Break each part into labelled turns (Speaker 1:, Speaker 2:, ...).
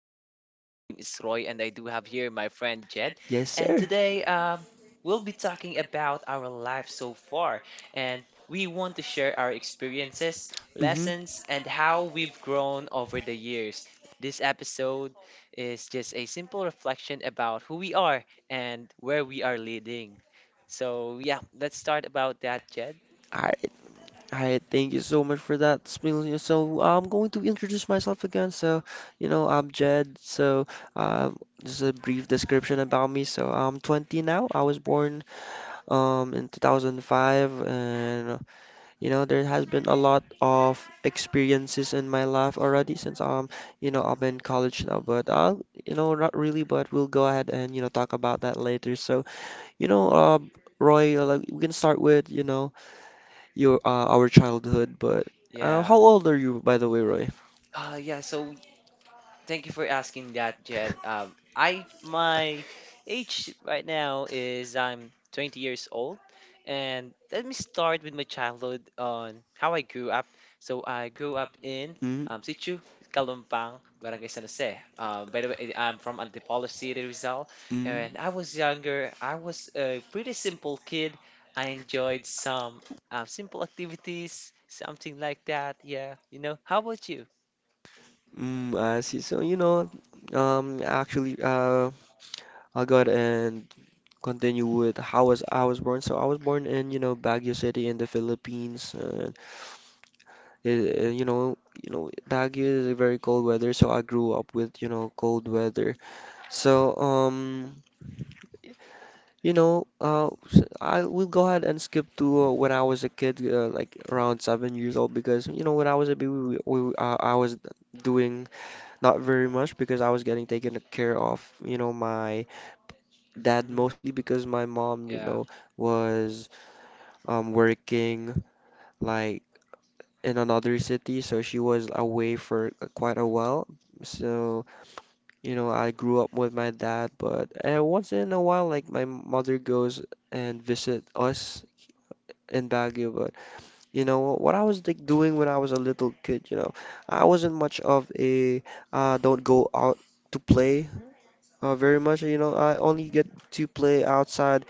Speaker 1: podcast. My name is Roy and I do have here my friend Jed.
Speaker 2: Yes,
Speaker 1: And
Speaker 2: sir.
Speaker 1: today we'll be talking about our life so far, and we want to share our experiences,
Speaker 2: Mhm.
Speaker 1: lessons, and how we've grown over the years. This episode is just a simple reflection about who we are and where we are leading. So yeah, let's start about that, Jed.
Speaker 2: All right, all right. Thank you so much for that, Smilia. So I'm going to introduce myself again. So, I'm Jed. So, um, just a brief description about me. So I'm 20 now. I was born in 2005. And there has been a lot of experiences in my life already since I'm in college now, but I'll, not really, but we'll go ahead and, talk about that later. So, you know, uh, Roy, like, we can start with, your our childhood, but
Speaker 1: Yeah.
Speaker 2: how old are you, by the way, Roy?
Speaker 1: Yeah, so thank you for asking that, Jed. I my age right now is I'm 20 years old, and let me start with my childhood on how I grew up. So I grew up in
Speaker 2: Mm,
Speaker 1: Situ, Kalumpang, Barangay San Jose. By the way, I'm from Antipolo City, Rizal. And
Speaker 2: mm,
Speaker 1: when I was younger, I was a pretty simple kid. I enjoyed some simple activities, something like that. Yeah, you know. How about you?
Speaker 2: mm, I see. So, um, actually, uh, I'll go ahead and continue with how was I was born. So I was born in, Baguio City in the Philippines. It, you know, Baguio is a very cold weather, so I grew up with, cold weather. So, I will go ahead and skip to when I was a kid, like around 7 years old, because when I was a baby, I was doing not very much because I was getting taken care of, my dad
Speaker 1: Hmm.
Speaker 2: mostly because my mom, was working like in another city, so she was away for quite a while. So, I grew up with my dad, but once in a while, like my mother goes and visit us in Baguio. But you know what I was like doing when I was a little kid. I wasn't much of a don't go out to play very much. I only get to play outside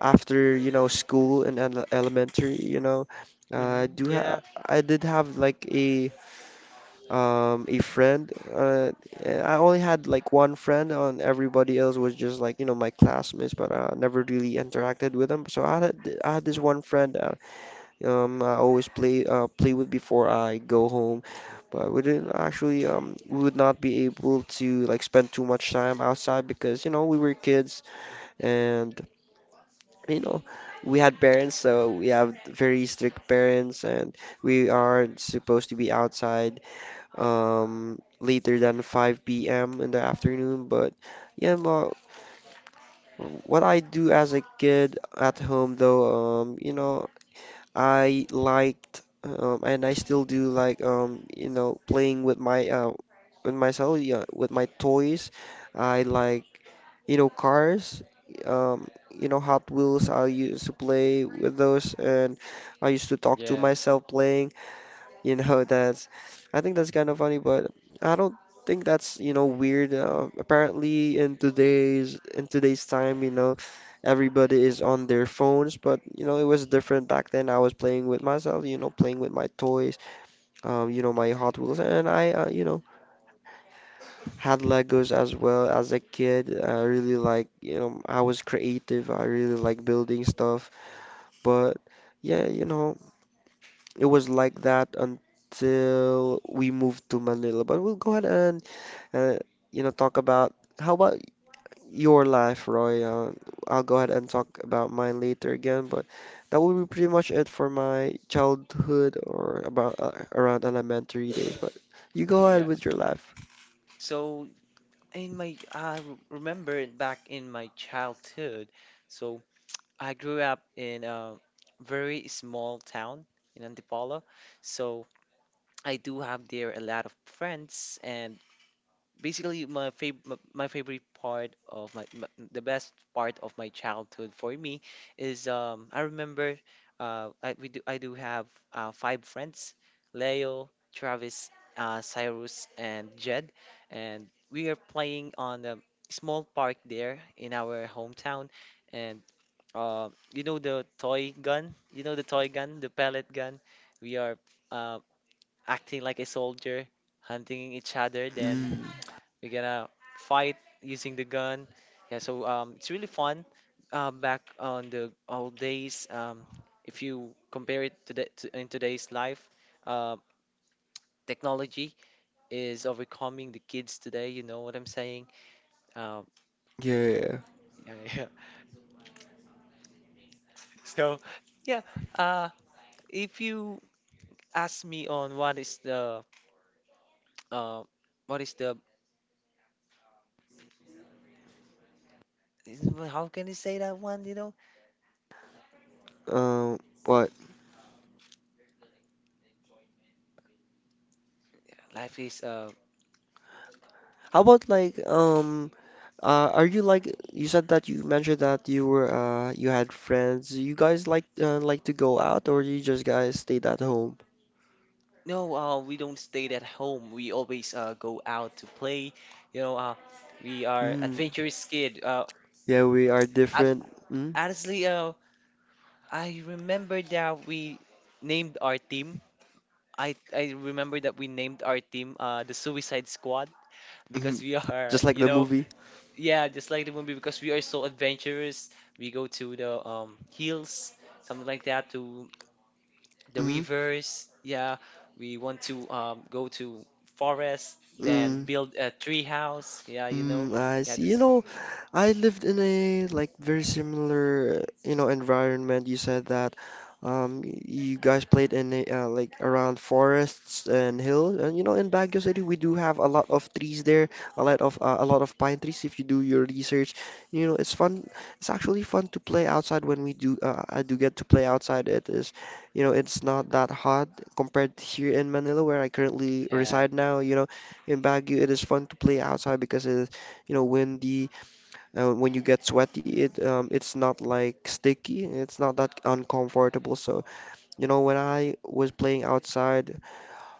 Speaker 2: after school and elementary you know I
Speaker 1: Hmm.
Speaker 2: do ha
Speaker 1: Yeah,
Speaker 2: I did have like a friend, I only had like one friend, and everybody else was just like my classmates, but I never really interacted with them. So I had I had this one friend that I always play with before I go home, but we didn't actually we would not be able to like spend too much time outside because we were kids, and you know, we had parents, so we have very strict parents, and we are supposed to be outside later than 5 p.m. in the afternoon. But yeah, well, what I do as a kid at home, though, I liked, and I still do like, playing with myself, yeah, with my toys. I like cars, um, Hot Wheels. I used to play with those, and I used to talk to
Speaker 1: yeah,
Speaker 2: myself playing. You know, that's, I think that's kind of funny, but I don't think that's, weird. Apparently in today's time, everybody is on their phones, but it was different back then. I was playing with myself, playing with my toys, my Hot Wheels, and I, had Legos as well as a kid. I really like, I was creative. I really like building stuff, but yeah. It was like that until we moved to Manila. But we'll go ahead and uh, talk about how about your life, Roy? I'll go ahead and talk about mine later again. But that will be pretty much it for my childhood, or about around elementary days. But you go ahead
Speaker 1: yeah.
Speaker 2: with your life.
Speaker 1: So in my, I r- remember it back in my childhood. So I grew up in a very small town in Antipolo. So I do have there a lot of friends, and basically my fav my favorite part of my, my the best part of my childhood for me is I remember I we do I do have five friends, Leo, Travis, uh, Cyrus, and Jed, and we are playing on a small park there in our hometown, and uh, you know, the toy gun, the pellet gun. We are uh, acting like a soldier hunting each other, then
Speaker 2: Mm,
Speaker 1: we're gonna fight using the gun. Yeah, so it's really fun. Back on the old days, if you compare it to, in today's life, uh, technology is overcoming the kids today. You know what I'm saying? Um,
Speaker 2: yeah.
Speaker 1: yeah, yeah. So yeah, uh, if you ask me on uh, what is the is- how can you say that one? You know,
Speaker 2: Um, what?
Speaker 1: life is uh,
Speaker 2: How about like are you, like, you said that you mentioned that you had friends. You guys like to go out, or you just guys stayed at home?
Speaker 1: no, we don't stay at home. We always go out to play. You know, we are
Speaker 2: Mm.
Speaker 1: adventurous kid.
Speaker 2: Yeah, we are
Speaker 1: Ab-
Speaker 2: different. Mm.
Speaker 1: honestly, I remember that we named our team. I remember that we named our team the Suicide Squad
Speaker 2: Mhm.
Speaker 1: because we are,
Speaker 2: Just like
Speaker 1: you
Speaker 2: the
Speaker 1: know,
Speaker 2: movie.
Speaker 1: yeah, just like the movie because we are so adventurous. We go to the hills, something like that, to the
Speaker 2: Mm.
Speaker 1: rivers. Yeah, we want to go to forest, then
Speaker 2: Mm.
Speaker 1: build a tree house. Yeah, you
Speaker 2: Mm,
Speaker 1: know.
Speaker 2: I
Speaker 1: Yeah,
Speaker 2: see.
Speaker 1: that's
Speaker 2: I lived in a like very similar, environment. You said that you guys played in a, like around forests and hills. And in Baguio City, we do have a lot of trees there, a lot of pine trees if you do your research. It's fun. It's actually fun to play outside when we do I do get to play outside. It is, you know, it's not that hot compared to here in Manila where I currently
Speaker 1: yeah,
Speaker 2: reside now. In Baguio, it is fun to play outside because it, windy. When you get sweaty, it's not like sticky. It's not that uncomfortable. So, when I was playing outside,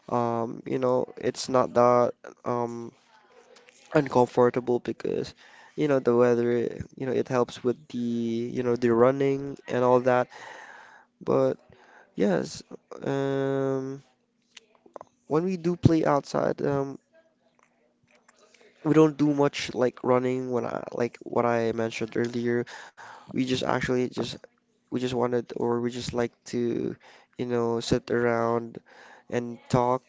Speaker 2: it's not that um uncomfortable because, the weather, it helps with the running and all that. But yes, um, when we do play outside, we don't do much like running when I, like, what I mentioned earlier. We just actually just we just wanted, or we just like to, sit around and talk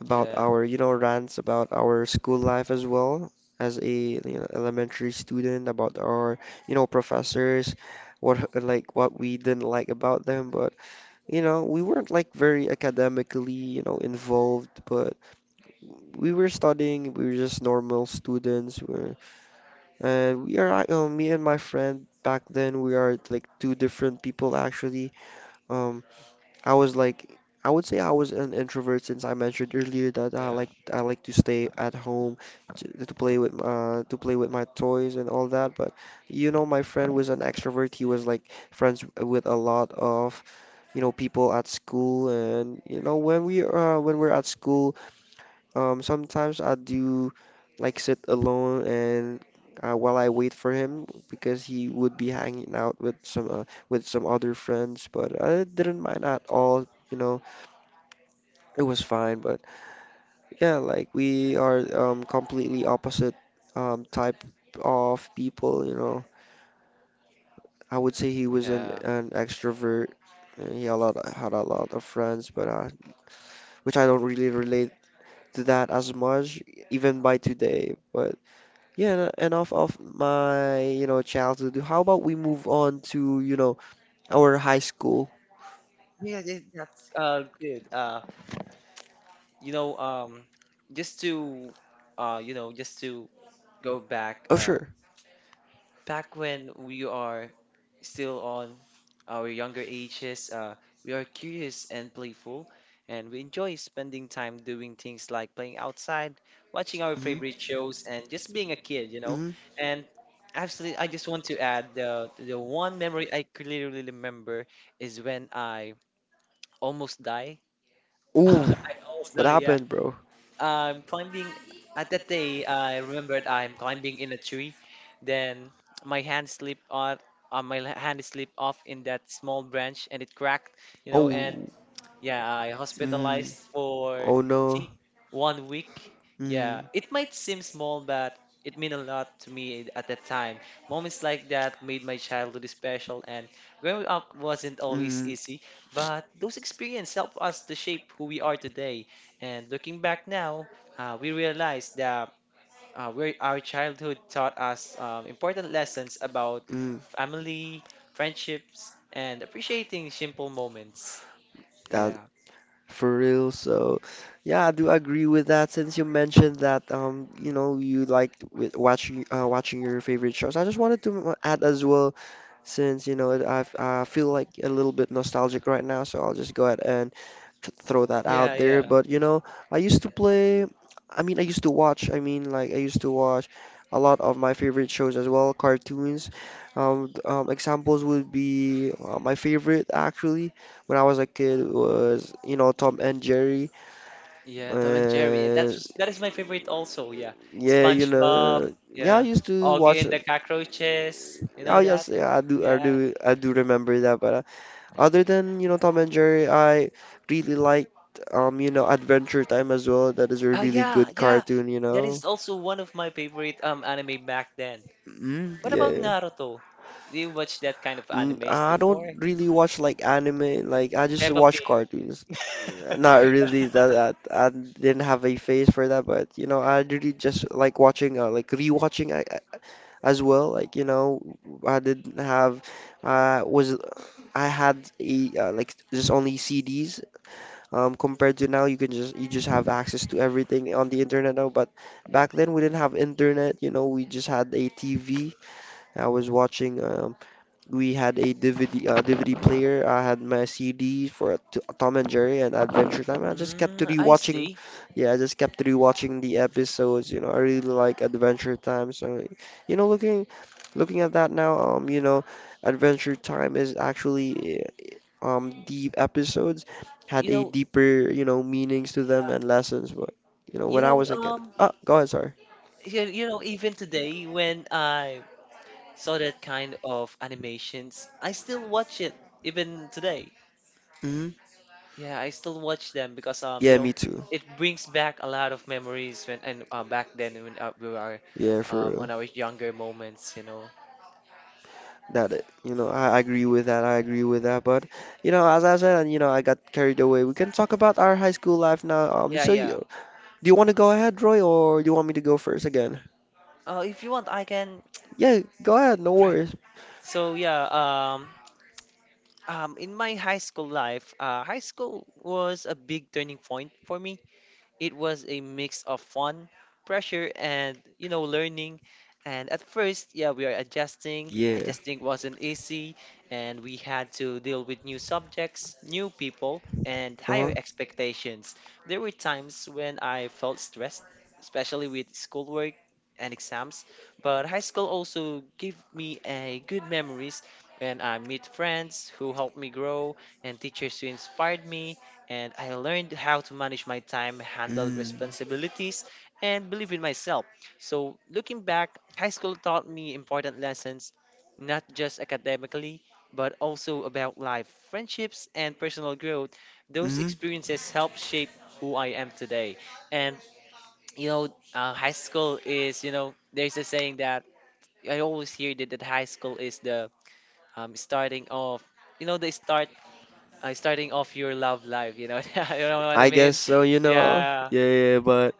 Speaker 2: about
Speaker 1: yeah,
Speaker 2: our, rants about our school life as well as a elementary student, about our, professors, what we didn't like about them, but we weren't like very academically, involved, but we were studying, we were just normal students, we and we are, ac- me and my friend back then, we are like two different people actually. Um, I was like, I would say I was an introvert since I mentioned earlier that I
Speaker 1: yeah,
Speaker 2: like I like to stay at home to play with my toys and all that. But my friend was an extrovert. He was like friends with a lot of people at school, and when we're at school. Sometimes I do like sit alone and while I wait for him because he would be hanging out with some other friends, but I didn't mind at all. It was fine. But yeah, like we are completely opposite type of people. I would say he was an
Speaker 1: yeah.
Speaker 2: an extrovert. And He a lot had a lot of friends, but which I don't really relate to that as much even by today. But yeah, enough of my, childhood. How about we move on to, our high school?
Speaker 1: Yeah, that's good. You know, just to just to go back
Speaker 2: Oh,
Speaker 1: uh,
Speaker 2: sure.
Speaker 1: back when we are still on our younger ages, we are curious and playful, and we enjoy spending time doing things like playing outside, watching our
Speaker 2: Hmm.
Speaker 1: favorite shows, and just being a kid, you know.
Speaker 2: Hmm.
Speaker 1: And absolutely, I just want to add the one memory I clearly remember is when I almost die.
Speaker 2: Ooh,
Speaker 1: I almost
Speaker 2: what
Speaker 1: die, yeah.
Speaker 2: happened, bro?
Speaker 1: I'm climbing at that day. I remembered I'm climbing in a tree. Then my hand slipped on, my hand slipped off in that small branch, and it cracked. You know,
Speaker 2: Oh,
Speaker 1: and yeah, I
Speaker 2: mm,
Speaker 1: hospitalized for
Speaker 2: oh no.
Speaker 1: I think 1 week.
Speaker 2: Mm,
Speaker 1: Yeah, it might seem small, but it meant a lot to me at that time. Moments like that made my childhood special, and growing up wasn't always
Speaker 2: mm,
Speaker 1: easy, but those experiences helped us to shape who we are today. And looking back now, we realize that where our childhood taught us important lessons about
Speaker 2: mm,
Speaker 1: family, friendships, and appreciating simple moments.
Speaker 2: that.
Speaker 1: Yeah.
Speaker 2: For real. So, yeah, I do agree with that. Since you mentioned that, you liked with watching your favorite shows, I just wanted to add as well, since I feel like a little bit nostalgic right now, so I'll just go ahead and to throw that
Speaker 1: Yeah,
Speaker 2: out there,
Speaker 1: yeah,
Speaker 2: but I used to play, I mean, I used to watch, I mean, like, I used to watch a lot of my favorite shows as well, cartoons. Examples would be my favorite, actually when I was a kid was, Tom and Jerry.
Speaker 1: yeah. Tom and Jerry. Yeah,
Speaker 2: And
Speaker 1: that is my favorite also. Yeah,
Speaker 2: yeah,
Speaker 1: SpongeBob.
Speaker 2: yeah, I
Speaker 1: Yeah,
Speaker 2: used to watch
Speaker 1: Augie and
Speaker 2: them.
Speaker 1: the Cockroaches. You
Speaker 2: Oh
Speaker 1: know that?
Speaker 2: yes, yeah, I do, I
Speaker 1: Yeah.
Speaker 2: do, I do remember that. But other than, Tom and Jerry, I really liked Adventure Time as well. That is a
Speaker 1: Oh
Speaker 2: really
Speaker 1: yeah,
Speaker 2: good
Speaker 1: yeah.
Speaker 2: cartoon, you
Speaker 1: That
Speaker 2: know.
Speaker 1: is also one of my favorite um, anime back then.
Speaker 2: Mm,
Speaker 1: What about
Speaker 2: yeah.
Speaker 1: Naruto? Do you watch that kind of
Speaker 2: Mm,
Speaker 1: animes
Speaker 2: I don't
Speaker 1: before?
Speaker 2: really watch like anime. Like I just
Speaker 1: Peppa
Speaker 2: watch
Speaker 1: Pig.
Speaker 2: cartoons. Yeah, not really that I didn't have a phase for that, but I really just like watching like rewatching I, as well. Like, I didn't have was I had a like just only CDs compared to now you just have access to everything on the internet now, but back then we didn't have internet. You know we just had a TV. I was watching, we had a DVD, DVD player. I had my CD for Tom and Jerry and Adventure Time. I just kept
Speaker 1: Mm, I
Speaker 2: rewatching.
Speaker 1: see.
Speaker 2: Yeah, I just kept rewatching the episodes. I really like Adventure Time. So, you know, looking looking at that now, Adventure Time is actually, the episodes had
Speaker 1: You
Speaker 2: a
Speaker 1: know,
Speaker 2: deeper, meanings to them
Speaker 1: yeah.
Speaker 2: and lessons. But
Speaker 1: You
Speaker 2: when I
Speaker 1: know,
Speaker 2: was a kid,
Speaker 1: um,
Speaker 2: oh, go ahead, sorry.
Speaker 1: you know, even today when I so that kind of animations, I still watch it even today.
Speaker 2: Hmm.
Speaker 1: Yeah, I still watch them because you
Speaker 2: Yeah,
Speaker 1: know,
Speaker 2: me too.
Speaker 1: it brings back a lot of memories when and back then when we were
Speaker 2: Yeah, for
Speaker 1: um,
Speaker 2: real.
Speaker 1: on our younger moments, you know.
Speaker 2: That it, you know, I agree with that. I agree with that. But as I said, and I got carried away. We can talk about our high school life now.
Speaker 1: Yeah, yeah.
Speaker 2: Do you want to go ahead, Roy, or do you want me to go first again?
Speaker 1: If you want, I can.
Speaker 2: Yeah, go ahead. No
Speaker 1: Right.
Speaker 2: worries.
Speaker 1: So yeah, in my high school life, high school was a big turning point for me. It was a mix of fun, pressure, and you know, learning. And at first, yeah, we are adjusting.
Speaker 2: Yeah.
Speaker 1: Adjusting wasn't easy, and we had to deal with new subjects, new people, and higher
Speaker 2: Uh-huh.
Speaker 1: expectations. There were times when I felt stressed, especially with schoolwork and exams, but high school also gave me a good memories when I meet friends who helped me grow and teachers who inspired me, and I learned how to manage my time, handle
Speaker 2: Mm.
Speaker 1: responsibilities, and believe in myself. So, looking back, high school taught me important lessons, not just academically, but also about life, friendships, and personal growth. Those
Speaker 2: Hmm.
Speaker 1: experiences helped shape who I am today. And, you know, high school is, you know, there's a saying that I always hear that, that high school is the starting of, you know, the start starting off your love life, you know, you know what I
Speaker 2: I guess
Speaker 1: mean?
Speaker 2: so, you know.
Speaker 1: Yeah.
Speaker 2: Yeah, yeah, but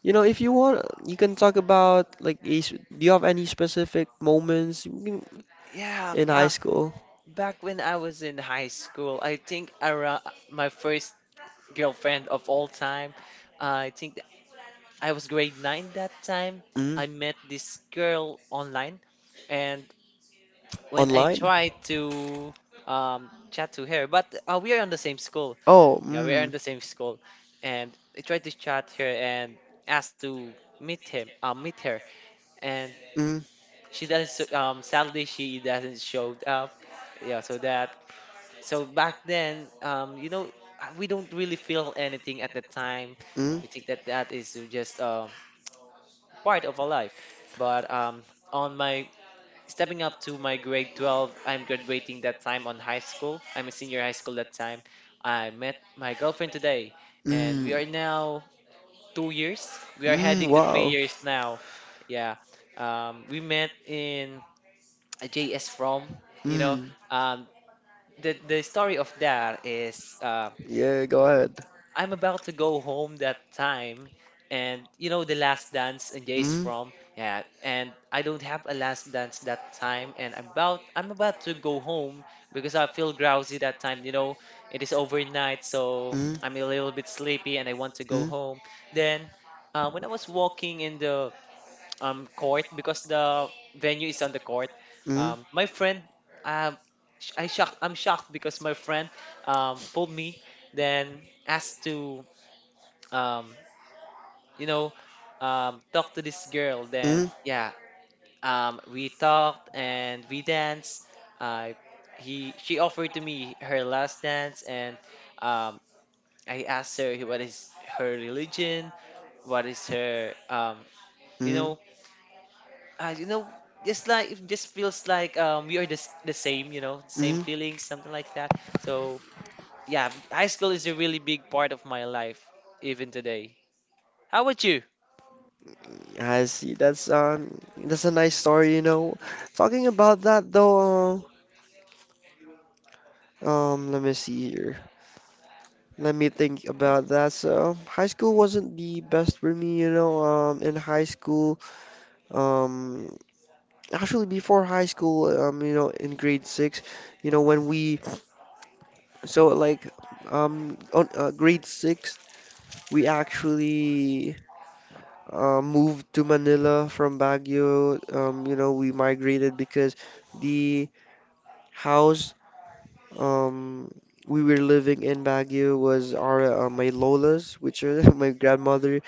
Speaker 2: you know, if you want, you can talk about like do you have any specific moments
Speaker 1: Yeah,
Speaker 2: in high school?
Speaker 1: back when I was in high school, I think around my first girlfriend of all time, uh, I think th- I was grade 9 that time.
Speaker 2: Mm.
Speaker 1: I met this girl online, and when I
Speaker 2: Online?
Speaker 1: tried to chat to her, but we are in the same school.
Speaker 2: Oh,
Speaker 1: Yeah, we are in
Speaker 2: mm.
Speaker 1: the same school, and I tried to chat her and asked to meet him, meet her, and
Speaker 2: Mm.
Speaker 1: she doesn't s- sadly she doesn't showed up. Yeah, so that, so back then um, you know, we don't really feel anything at the time.
Speaker 2: Mm.
Speaker 1: We think that that is just um, part of our life, but um, on my stepping up to my grade 12, I'm graduating that time on high school, I'm a senior high school that time. I met my girlfriend today, and
Speaker 2: Mm.
Speaker 1: we are now 2 years, we are
Speaker 2: Mm.
Speaker 1: heading to three
Speaker 2: Wow.
Speaker 1: years now. Yeah, we met in JS from, you know,
Speaker 2: Mm.
Speaker 1: um, the story of that is
Speaker 2: Yeah, go ahead.
Speaker 1: I'm about to go home that time, and you know the last dance and
Speaker 2: Mm.
Speaker 1: JS
Speaker 2: Mm.
Speaker 1: from, yeah, and I don't have a last dance that time, and I'm about to go home because I feel drowsy that time, you know, it is overnight, so I'm a little bit sleepy and I want to go home. Then when I was walking in the um, court, because the venue is on the court.
Speaker 2: Mm.
Speaker 1: My
Speaker 2: Mm.
Speaker 1: friend, um, I shocked. I'm shocked because my friend um, pulled me, then asked to um, you know um, talk to this girl. Then
Speaker 2: Mm-hmm.
Speaker 1: yeah, um, we talked and we danced. I he she offered to me her last dance, and um, I asked her what is her religion, what is her um, you
Speaker 2: Mm-hmm.
Speaker 1: know you know, just like it just feels like um, we are the, the same, you know, same
Speaker 2: Mm-hmm.
Speaker 1: feelings, something like that. So yeah, high school is a really big part of my life, even today. How about you?
Speaker 2: Yeah, I see. That's that's a nice story, you know. Talking about that though, let me see here. Let me think about that. So, high school wasn't the best for me, you know. In high school, um, actually before high school, you know, in grade six, you know, when we so like, on grade six. We actually moved to Manila from Baguio. You know, we migrated because the house um, we were living in Baguio was our my Lola's, which are my grandmother.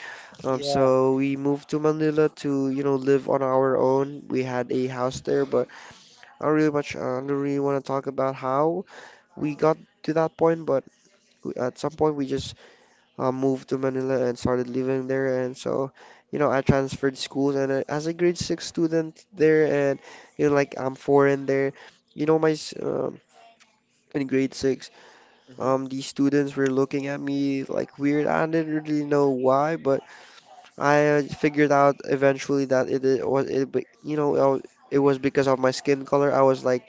Speaker 2: Um,
Speaker 1: Yeah,
Speaker 2: so we moved to Manila to, you know, live on our own. We had a house there, but I don't really much, I don't really want to talk about how we got to that point. But at some point, we just moved to Manila and started living there. And so, you know, I transferred schools and as a grade six student there, and you know, like I'm foreign there. You know, my s- um, in grade six,
Speaker 1: hmm,
Speaker 2: these students were looking at me like weird. I didn't really know why, but I figured out eventually that it was it, be- you know, it was because of my skin color. I was like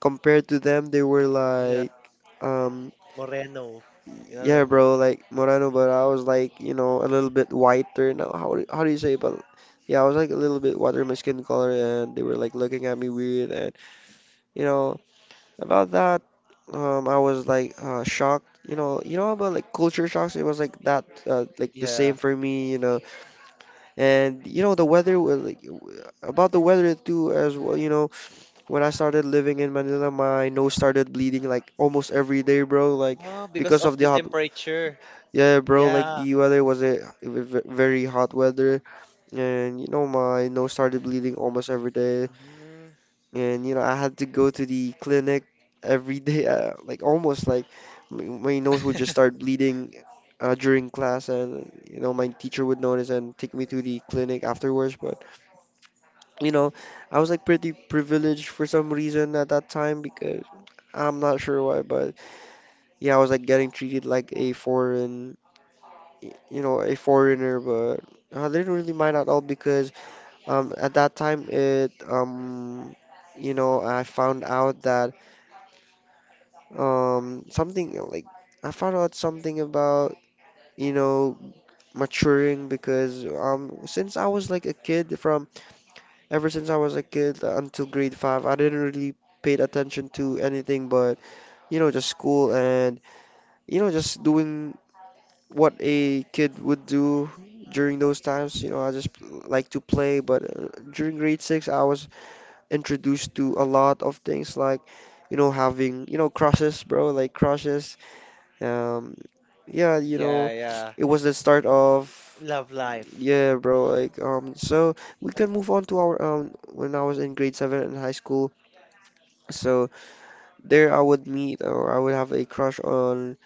Speaker 2: compared to them, they were like,
Speaker 1: yeah,
Speaker 2: um,
Speaker 1: Moreno. You know, the
Speaker 2: yeah, bro,
Speaker 1: Moreno.
Speaker 2: like Moreno, but I was like, you know, a little bit whiter. Now, how do you say? But yeah, I was like a little bit whiter in my skin color, and they were like looking at me weird, and you know, about that, I was like shocked. You know about like culture shocks. It was like that, like the
Speaker 1: Yeah.
Speaker 2: same for me, you know, and you know the weather was like about the weather too as well. You know, when I started living in Manila, my nose started bleeding like almost every day, bro. Like
Speaker 1: Oh, because
Speaker 2: because
Speaker 1: of
Speaker 2: of the
Speaker 1: the
Speaker 2: hot,
Speaker 1: temperature.
Speaker 2: yeah, bro. Like
Speaker 1: Yeah,
Speaker 2: the weather was a it was ve- very hot weather, and you know my nose started bleeding almost every day,
Speaker 1: hmm,
Speaker 2: and you know I had to go to the clinic every day. Like almost like my nose would just start bleeding. During class, and you know, my teacher would notice and take me to the clinic afterwards. But you know, I was like pretty privileged for some reason at that time because I'm not sure why, but yeah, I was like getting treated like a foreign, you know, a foreigner, but I didn't really mind at all because at that time it you know, I found out that something like I found out something about, you know, maturing because since I was like a kid from ever since I was a kid until grade five, I didn't really paid attention to anything but, you know, just school and, you know, just doing what a kid would do during those times. You know, I just like to play, but during grade six, I was introduced to a lot of things like, you know, having, you know, crushes, bro, like crushes. Um, yeah, you
Speaker 1: yeah,
Speaker 2: know,
Speaker 1: yeah.
Speaker 2: it was the start of.
Speaker 1: Love life.
Speaker 2: Yeah, bro. Like, so we can move on to our when I was in grade seven in high school. So there I would meet or I would have a crush on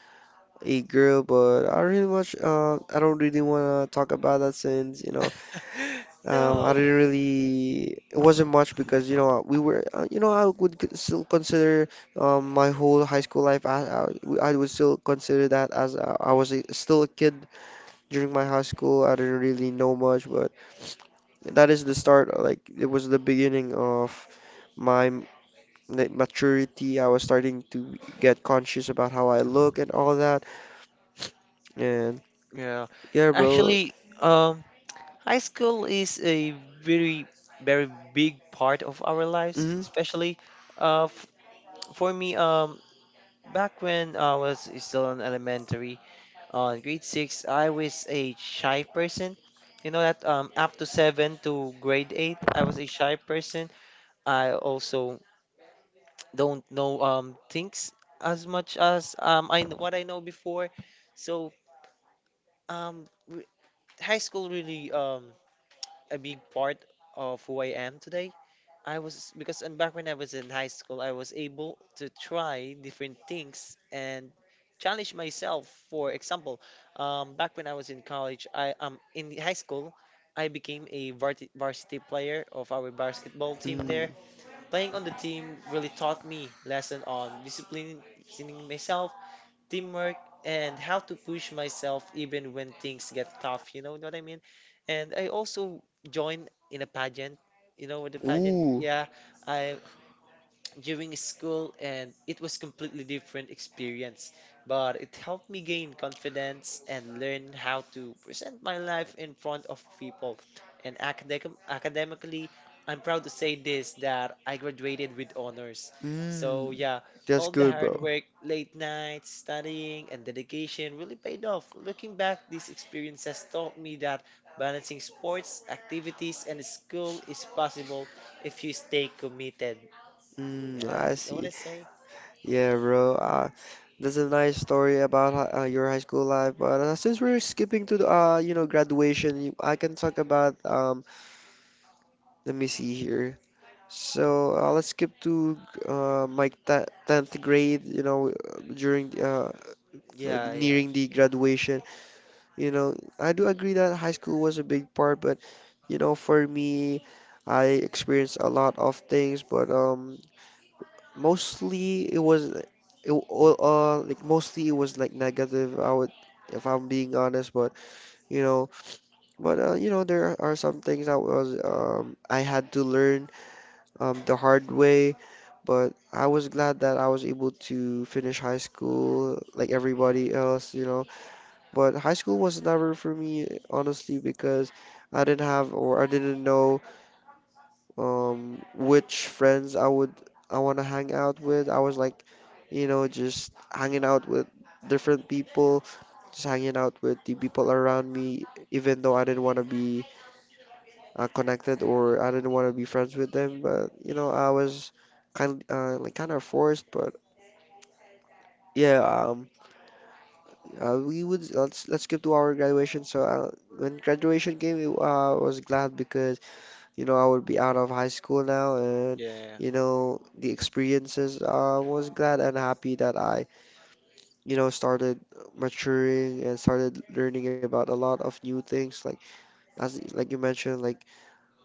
Speaker 2: a girl, but I don't really wanna talk about that since you know I
Speaker 1: No.
Speaker 2: didn't really it wasn't much because you know we were you know still consider my whole high school life I would still consider that as I was a, still a kid during my high school. I didn't really know much, but that is the start. Like it was the beginning of my m- like maturity. I was starting to get conscious about how I look and all that. And
Speaker 1: Yeah.
Speaker 2: yeah, bro.
Speaker 1: Actually, um, high school is a very, very big part of our lives,
Speaker 2: Mm-hmm.
Speaker 1: especially f for me. Back when I was still in elementary, on grade 6, I was a shy person. You know that up to 7 to grade 8, I was a shy person. I also don't know um, things as much as um, I what I know before. So re high school really um, a big part of who I am today. I was because and back when I was in high school, I was able to try different things and challenge myself. For example, back when I was in college, I um, in the high school, I became a varsity player of our basketball team
Speaker 2: Mm.
Speaker 1: there. Playing on the team really taught me lesson on disciplining myself, teamwork, and how to push myself even when things get tough. You know what I mean? And I also joined in a pageant. You know, with the pageant,
Speaker 2: Ooh.
Speaker 1: yeah, I during school and it was completely different experience, but it helped me gain confidence and learn how to present my life in front of people. And academically, I'm proud to say this, that I graduated with honors. So
Speaker 2: Mm.
Speaker 1: yeah,
Speaker 2: That's
Speaker 1: all the
Speaker 2: good,
Speaker 1: hard
Speaker 2: bro.
Speaker 1: work, late nights studying, and dedication really paid off. Looking back, these experiences taught me that balancing sports activities and school is possible if you stay committed.
Speaker 2: Mm,
Speaker 1: Yeah,
Speaker 2: I
Speaker 1: you know what I
Speaker 2: see.
Speaker 1: say?
Speaker 2: Yeah, bro. That's a nice story about your high school life. But since we're skipping to the, you know, graduation, I can talk about. Let me see here. So let's skip to tenth grade. You know, during like
Speaker 1: Yeah, yeah,
Speaker 2: nearing the graduation. You know, I do agree that high school was a big part, but you know, for me, I experienced a lot of things. But mostly it was it, all like mostly it was like negative. I would, if I'm being honest, but you know, you know, there are some things I was I had to learn the hard way, but I was glad that I was able to finish high school like everybody else, you know. But high school was never for me, honestly, because I didn't know which friends I would I want to hang out with. I was like, you know, just hanging out with different people, just hanging out with the people around me, even though I didn't want to be connected or I didn't want to be friends with them. But you know, I was kind like kind of forced. But yeah, we would let's skip to our graduation. So when graduation came, I was glad because you know, I would be out of high school now, and
Speaker 1: yeah,
Speaker 2: you know, the experiences. I was glad and happy that I, you know, started maturing and started learning about a lot of new things, like as like you mentioned, like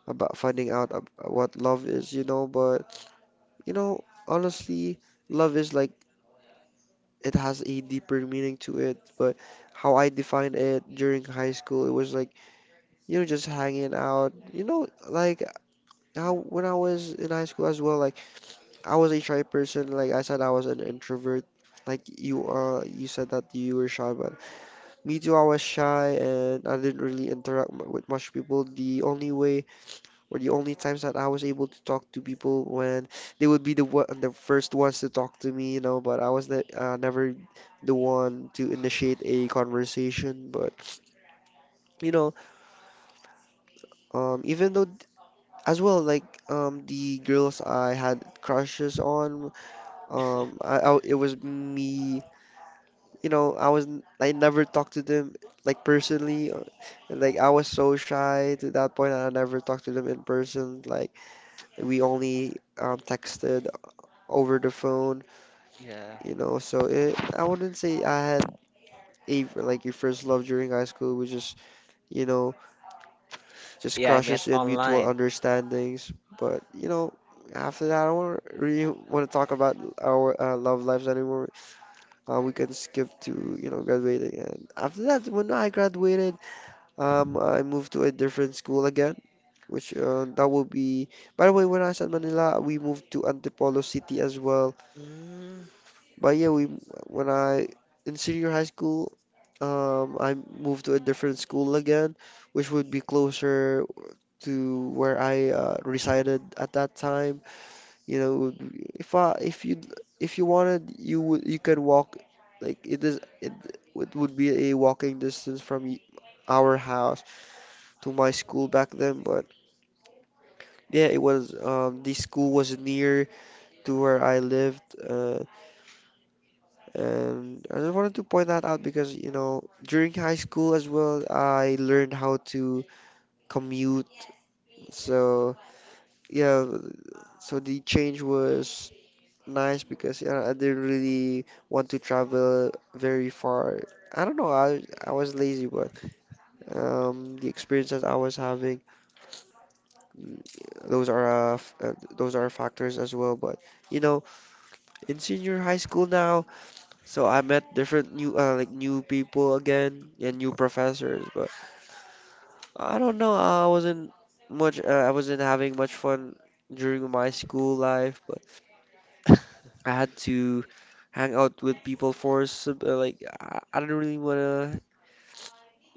Speaker 2: about finding out what love is. You know, but you know, honestly, love is like it has a deeper meaning to it. But how I defined it during high school, it was like you know, just hanging out. You know, like how when I was in high school as well, like I was a shy person. Like I said, I was an introvert. Like you, you said that you were shy, but me too. I was shy, and I didn't really interact with much people. The only way, or the only times that I was able to talk to people when they would be the one, the first ones to talk to me, you know. But I was the, never the one to initiate a conversation. But you know, even though as well, like the girls I had crushes on. I it was me you know, I never talked to them like personally. Uh, like I was so shy to that point. I never talked to them in person. Like we only texted over the phone,
Speaker 1: yeah,
Speaker 2: you know. So it, I wouldn't say I had a like your first love during high school, which is you know just
Speaker 1: yeah. I met
Speaker 2: crushes and mutual
Speaker 1: online.
Speaker 2: understandings. But you know, after that, I don't really want to talk about our love lives anymore. We can skip to you know graduating. And after that, when I graduated, I moved to a different school again, which that would be. By the way, when I was in Manila, we moved to Antipolo City as well.
Speaker 1: Mm.
Speaker 2: But yeah, we when I in senior high school, I moved to a different school again, which would be closer to where I resided at that time. You know, if you wanted, you would you can walk. Like it would be a walking distance from our house to my school back then, but yeah, it was the school was near to where I lived, and I just wanted to point that out because you know during high school as well, I learned how to commute. So yeah, so the change was nice because you know, I didn't really want to travel very far. I don't know, I was lazy, but the experiences I was having, those are those are factors as well, but you know, in senior high school now, so I met different new like new people again and new professors. But I don't know, I wasn't much I wasn't having much fun during my school life, but I had to hang out with people for some, like I don't really want to,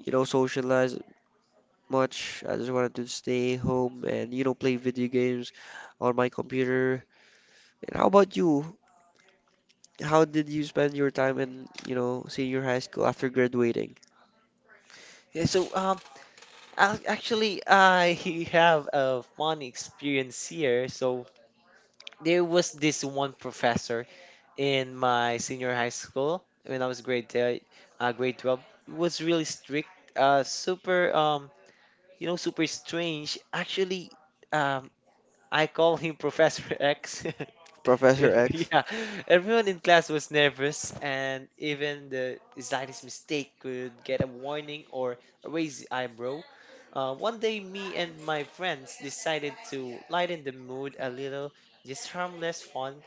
Speaker 2: socialize much. I just wanted to stay home and play video games on my computer. And how about you? How did you spend your time in, senior high school after graduating?
Speaker 1: Yeah, so actually, I have a funny experience here. So there was this one professor in my senior high school when I was grade te- grade 12. He was really strict, super you know, super strange. Um, I call him Professor X.
Speaker 2: Professor X.
Speaker 1: Yeah, everyone in class was nervous, and even the slightest mistake could get a warning or a raised eyebrow. 1 day, me and my friends decided to lighten the mood a little, just harmless fun.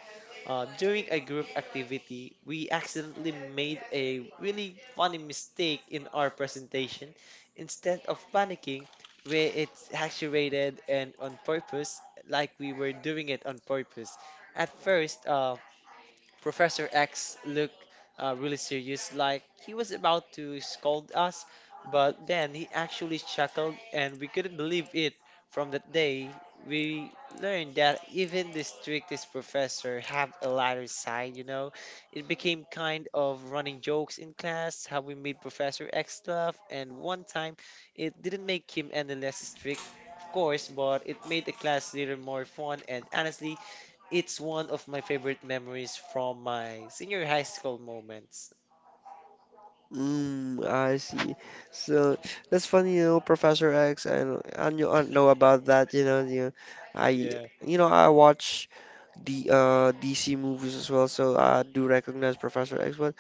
Speaker 1: During a group activity, we accidentally made a really funny mistake in our presentation. Instead of panicking, we it accelerated and on purpose, like we were doing it on purpose. At first, Professor X looked really serious, like he was about to scold us, but then he actually chuckled, and we couldn't believe it. From that day, we learned that even the strictest professor have a lighter side, you know? It became kind of running jokes in class, how we made Professor X laugh, and one time it didn't make him any less strict, of course, but it made the class later more fun, and honestly, it's one of my favorite memories from my senior high school moments.
Speaker 2: Mm, I see. So that's funny, you know, Professor X. I knew- I don't know about that, you know. I,
Speaker 1: Yeah,
Speaker 2: you know, I watch the DC movies as well, so I do recognize Professor X. But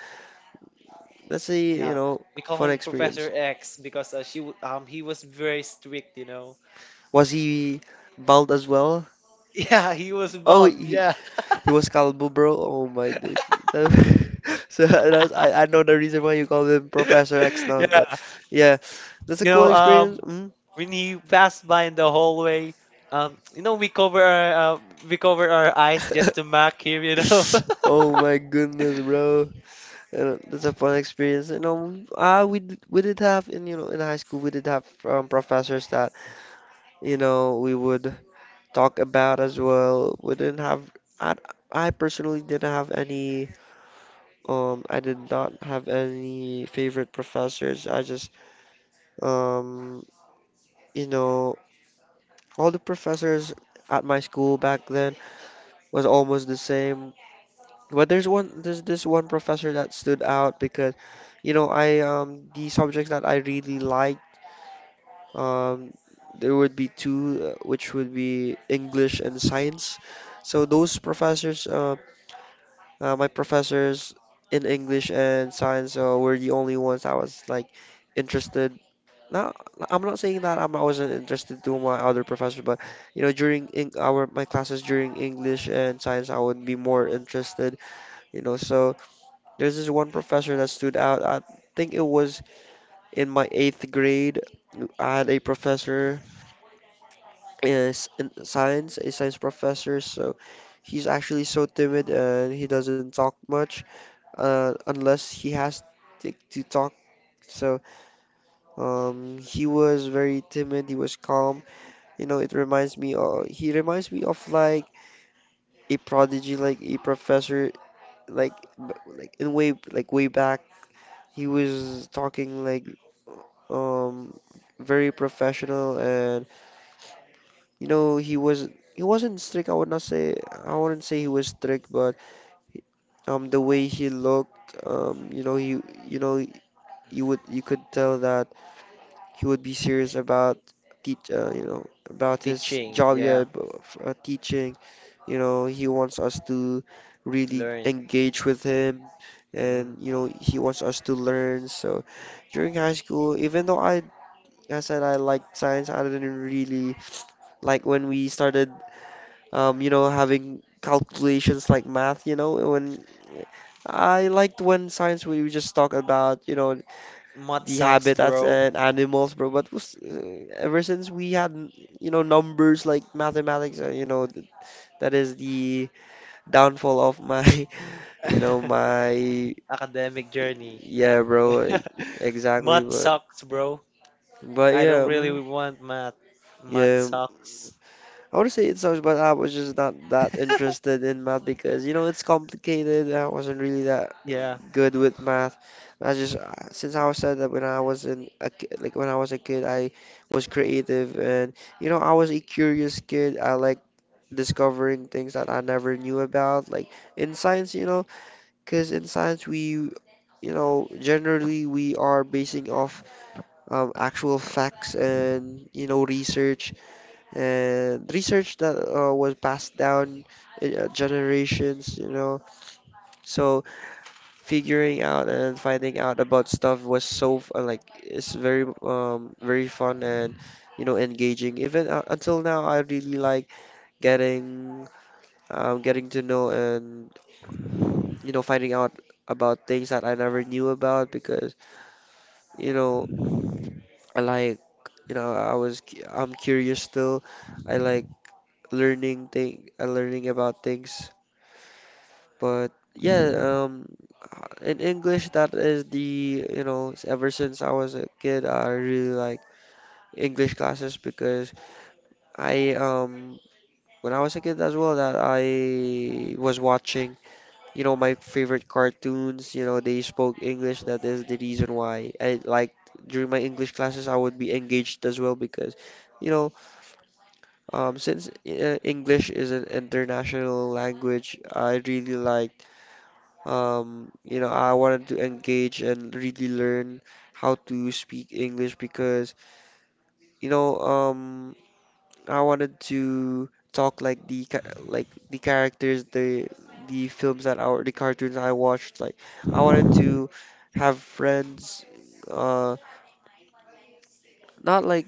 Speaker 2: that's a, you
Speaker 1: yeah.
Speaker 2: know,
Speaker 1: We call
Speaker 2: fun
Speaker 1: him Professor
Speaker 2: experience.
Speaker 1: X because he was very strict, you know.
Speaker 2: Was he bald as well?
Speaker 1: Yeah, he was
Speaker 2: Oh,
Speaker 1: bald. Yeah.
Speaker 2: he was Calvo, bro. Oh my days. That- So that's, I know the reason why you call him Professor X now, but
Speaker 1: Yeah.
Speaker 2: yeah, that's
Speaker 1: You
Speaker 2: a cool
Speaker 1: know,
Speaker 2: experience.
Speaker 1: um
Speaker 2: Mm.
Speaker 1: when he passed by in the hallway, um you know we cover our uh, we cover our eyes just to mock him, you know.
Speaker 2: Oh my goodness, bro. And that's a fun experience. You know, we d- we did have in in high school we did have professors that we would talk about as well. We didn't have I I personally didn't have any. I did not have any favorite professors. I just, um, you know, all the professors at my school back then was almost the same. But there's this one professor that stood out because, you know, I the subjects that I really liked, um, there would be two, which would be English and science. So those professors, my professors in English and science, were the only ones I was like interested. No, I'm not saying that I wasn't interested to my other professors, but you know, during in our my classes during English and science, I would be more interested. You know, so there's this one professor that stood out. I think it was in my eighth grade. I had a professor is in science, a science professor. So he's actually so timid and he doesn't talk much, unless he has to talk. So he was very timid. He was calm. You know, it reminds me of like a prodigy, like a professor, like b- like in way like way back he was talking like um very professional and you know he wasn't strict. I wouldn't say he was strict, but the way he looked, you know he you know you would you could tell that he would be serious about teach, you know, about his
Speaker 1: Teaching,
Speaker 2: job, yeah,
Speaker 1: yeah.
Speaker 2: teaching. You know, he wants us to really
Speaker 1: Learn.
Speaker 2: engage with him,
Speaker 1: Mm.
Speaker 2: and you know, he wants us to learn. So during high school, even though I said I liked science, I didn't really like when we started, you know, having calculations like math. You know, when I liked when science we would just talk about, you know,
Speaker 1: Mud
Speaker 2: the
Speaker 1: sucks,
Speaker 2: habitats
Speaker 1: bro.
Speaker 2: and animals, bro. Ever since we had, you know, numbers like mathematics, you know, that is the downfall of my, you know, my,
Speaker 1: academic journey.
Speaker 2: yeah, bro, like, exactly.
Speaker 1: Math sucks, bro.
Speaker 2: But
Speaker 1: I don't
Speaker 2: yeah,
Speaker 1: really
Speaker 2: mm,
Speaker 1: want math. Math
Speaker 2: yeah,
Speaker 1: sucks.
Speaker 2: I want to say it sucks, but I was just not that interested in math because you know it's complicated. I wasn't really that
Speaker 1: Yeah.
Speaker 2: good with math. I just since I was said that when I was in a, ki- like when I was a kid, I was creative and you know I was a curious kid. I like discovering things that I never knew about, like in science, you know, because in science we you know generally we are basing off actual facts and you know research and research that was passed down generations, you know. So figuring out and finding out about stuff was like it's very very fun and you know engaging. Even until now, I really like getting getting to know and you know finding out about things that I never knew about because you know I like you know I'm curious still. I like learning about things. But yeah, in English, that is the, you know, ever since I was a kid, I really like English classes because I, when I was a kid as well, that I was watching, you know, my favorite cartoons, you know, they spoke English. That is the reason why I liked during my English classes, I would be engaged as well because, you know, since English is an international language, I really liked. You know, I wanted to engage and really learn how to speak English because, you know, I wanted to talk like the characters, the films that our the cartoons I watched. Like, I wanted to have friends, uh, not like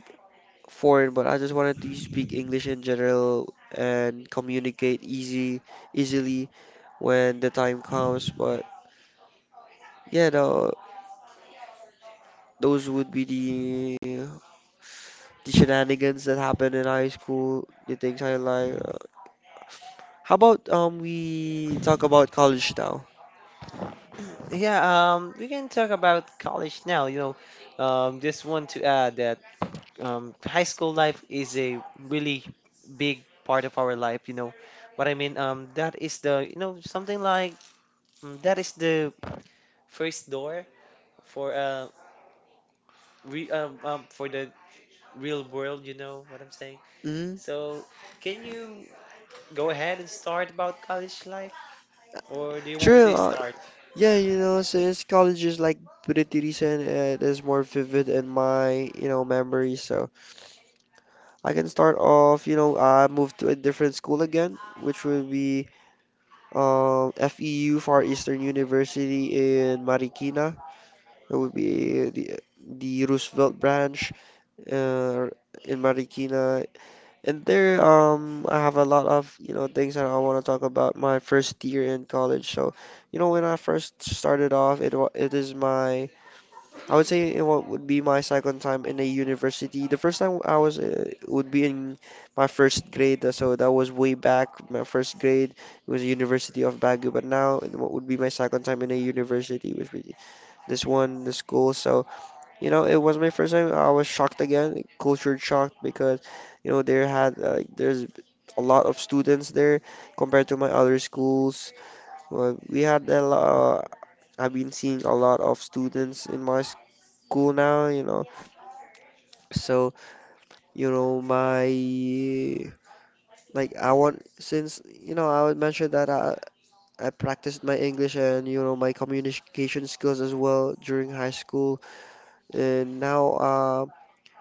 Speaker 2: foreign, but I just wanted to speak English in general and communicate easy easily when the time comes. But yeah, no. Those would be the shenanigans that happen in high school, the things I like. How about we talk about college now?
Speaker 1: Yeah, we can talk about college now, you know. Just want to add that high school life is a really big part of our life, you know. What I mean, that is the, you know, something like that is the first door for re for the real world, you know what I'm saying?
Speaker 2: Mm?
Speaker 1: So, can you go ahead and start about college life, or do you want me
Speaker 2: Sure.
Speaker 1: to start?
Speaker 2: Yeah, you know, since college is like pretty recent, it is more vivid in my, you know, memory. So I can start off, you know, I moved to a different school again, which would be FEU, Far Eastern University in Marikina. It would be the Roosevelt branch, uh, in Marikina. And there, I have a lot of, you know, things that I want to talk about my first year in college. So, you know, when I first started off, it is my, I would say would be my second time in a university. The first time I was would be in my first grade, so that was way back. My first grade it was University of Baguio, but now would be my second time in a university, which was this one, the school. So. You know, it was my first time. I was shocked again, culture shocked because, you know, there's a lot of students there compared to my other schools. Well, we had a lot. I've been seeing a lot of students in my school now. You know, so you know my like I want since you know I would mention that I practiced my English and you know my communication skills as well during high school and now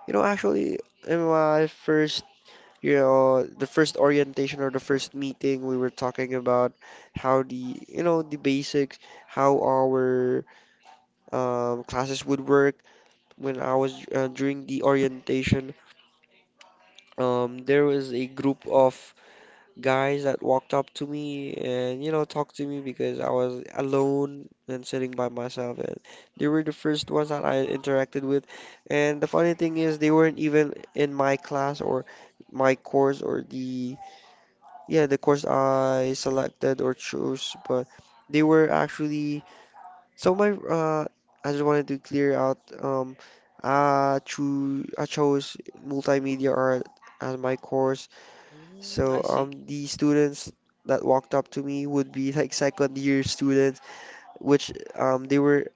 Speaker 2: you know, actually, in my first, you know, the first orientation or the first meeting, we were talking about how the, you know, the basics, how our classes would work. When I was during the orientation, there was a group of guys that walked up to me and you know talked to me because I was alone and sitting by myself and they were the first ones that I interacted with and the funny thing is they weren't even in my class or my course or the yeah the course I selected or chose but they were actually so my I just wanted to clear out I chose multimedia art as my course.
Speaker 1: Mm,
Speaker 2: So
Speaker 1: I see.
Speaker 2: the students that walked up to me would be like second year students, which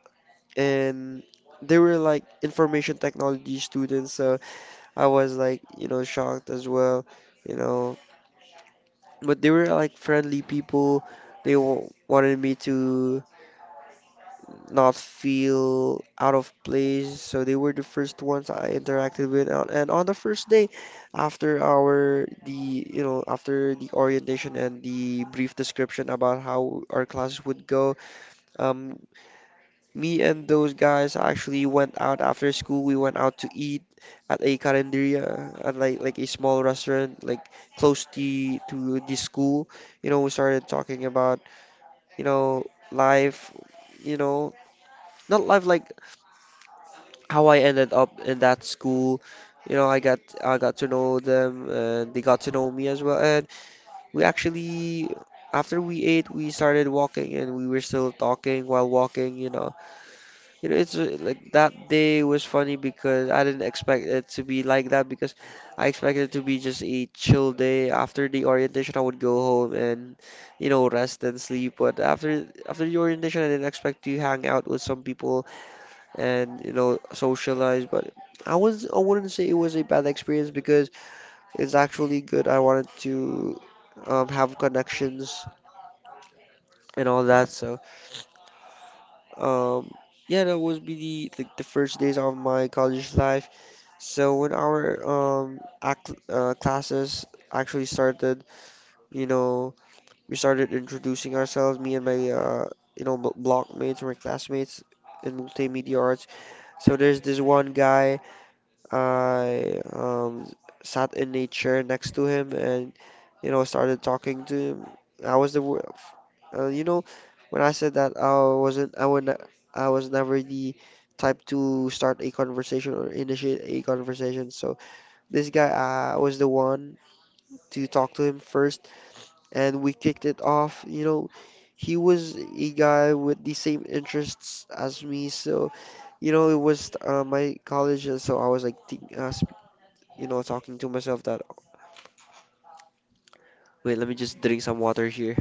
Speaker 2: in they were like information technology students. So I was like you know shocked as well, you know. But they were like friendly people. They w wanted me to not feel out of place. So they were the first ones I interacted with. And on the first day, after our the you know after the orientation and the brief description about how our classes would go, um, me and those guys actually went out after school. We went out to eat at a carinderia, at like a small restaurant, like close to the school. You know, we started talking about you know life. You know, not life like how I ended up in that school. You know, I got to know them, and they got to know me as well. And we actually, after we ate, we started walking, and we were still talking while walking. You know, it's like that day was funny because I didn't expect it to be like that because I expected it to be just a chill day. After the orientation, I would go home and you know rest and sleep. But after the orientation, I didn't expect to hang out with some people and you know socialize. But I wouldn't say it was a bad experience because it's actually good. I wanted to have connections and all that. So um, yeah, that was be the like the first days of my college life. So when our classes actually started, you know, we started introducing ourselves, me and my block mates my classmates in multimedia arts. So there's this one guy. I sat in a chair next to him and, started talking to him. I was the, wor- f- you know, when I said that I wasn't, I would, ne- I was never the type to start a conversation or initiate a conversation. So this guy, I was the one to talk to him first, and we kicked it off. You know, he was a guy with the same interests as me, so it was my college. So I was like talking to myself that, wait, let me just drink some water here.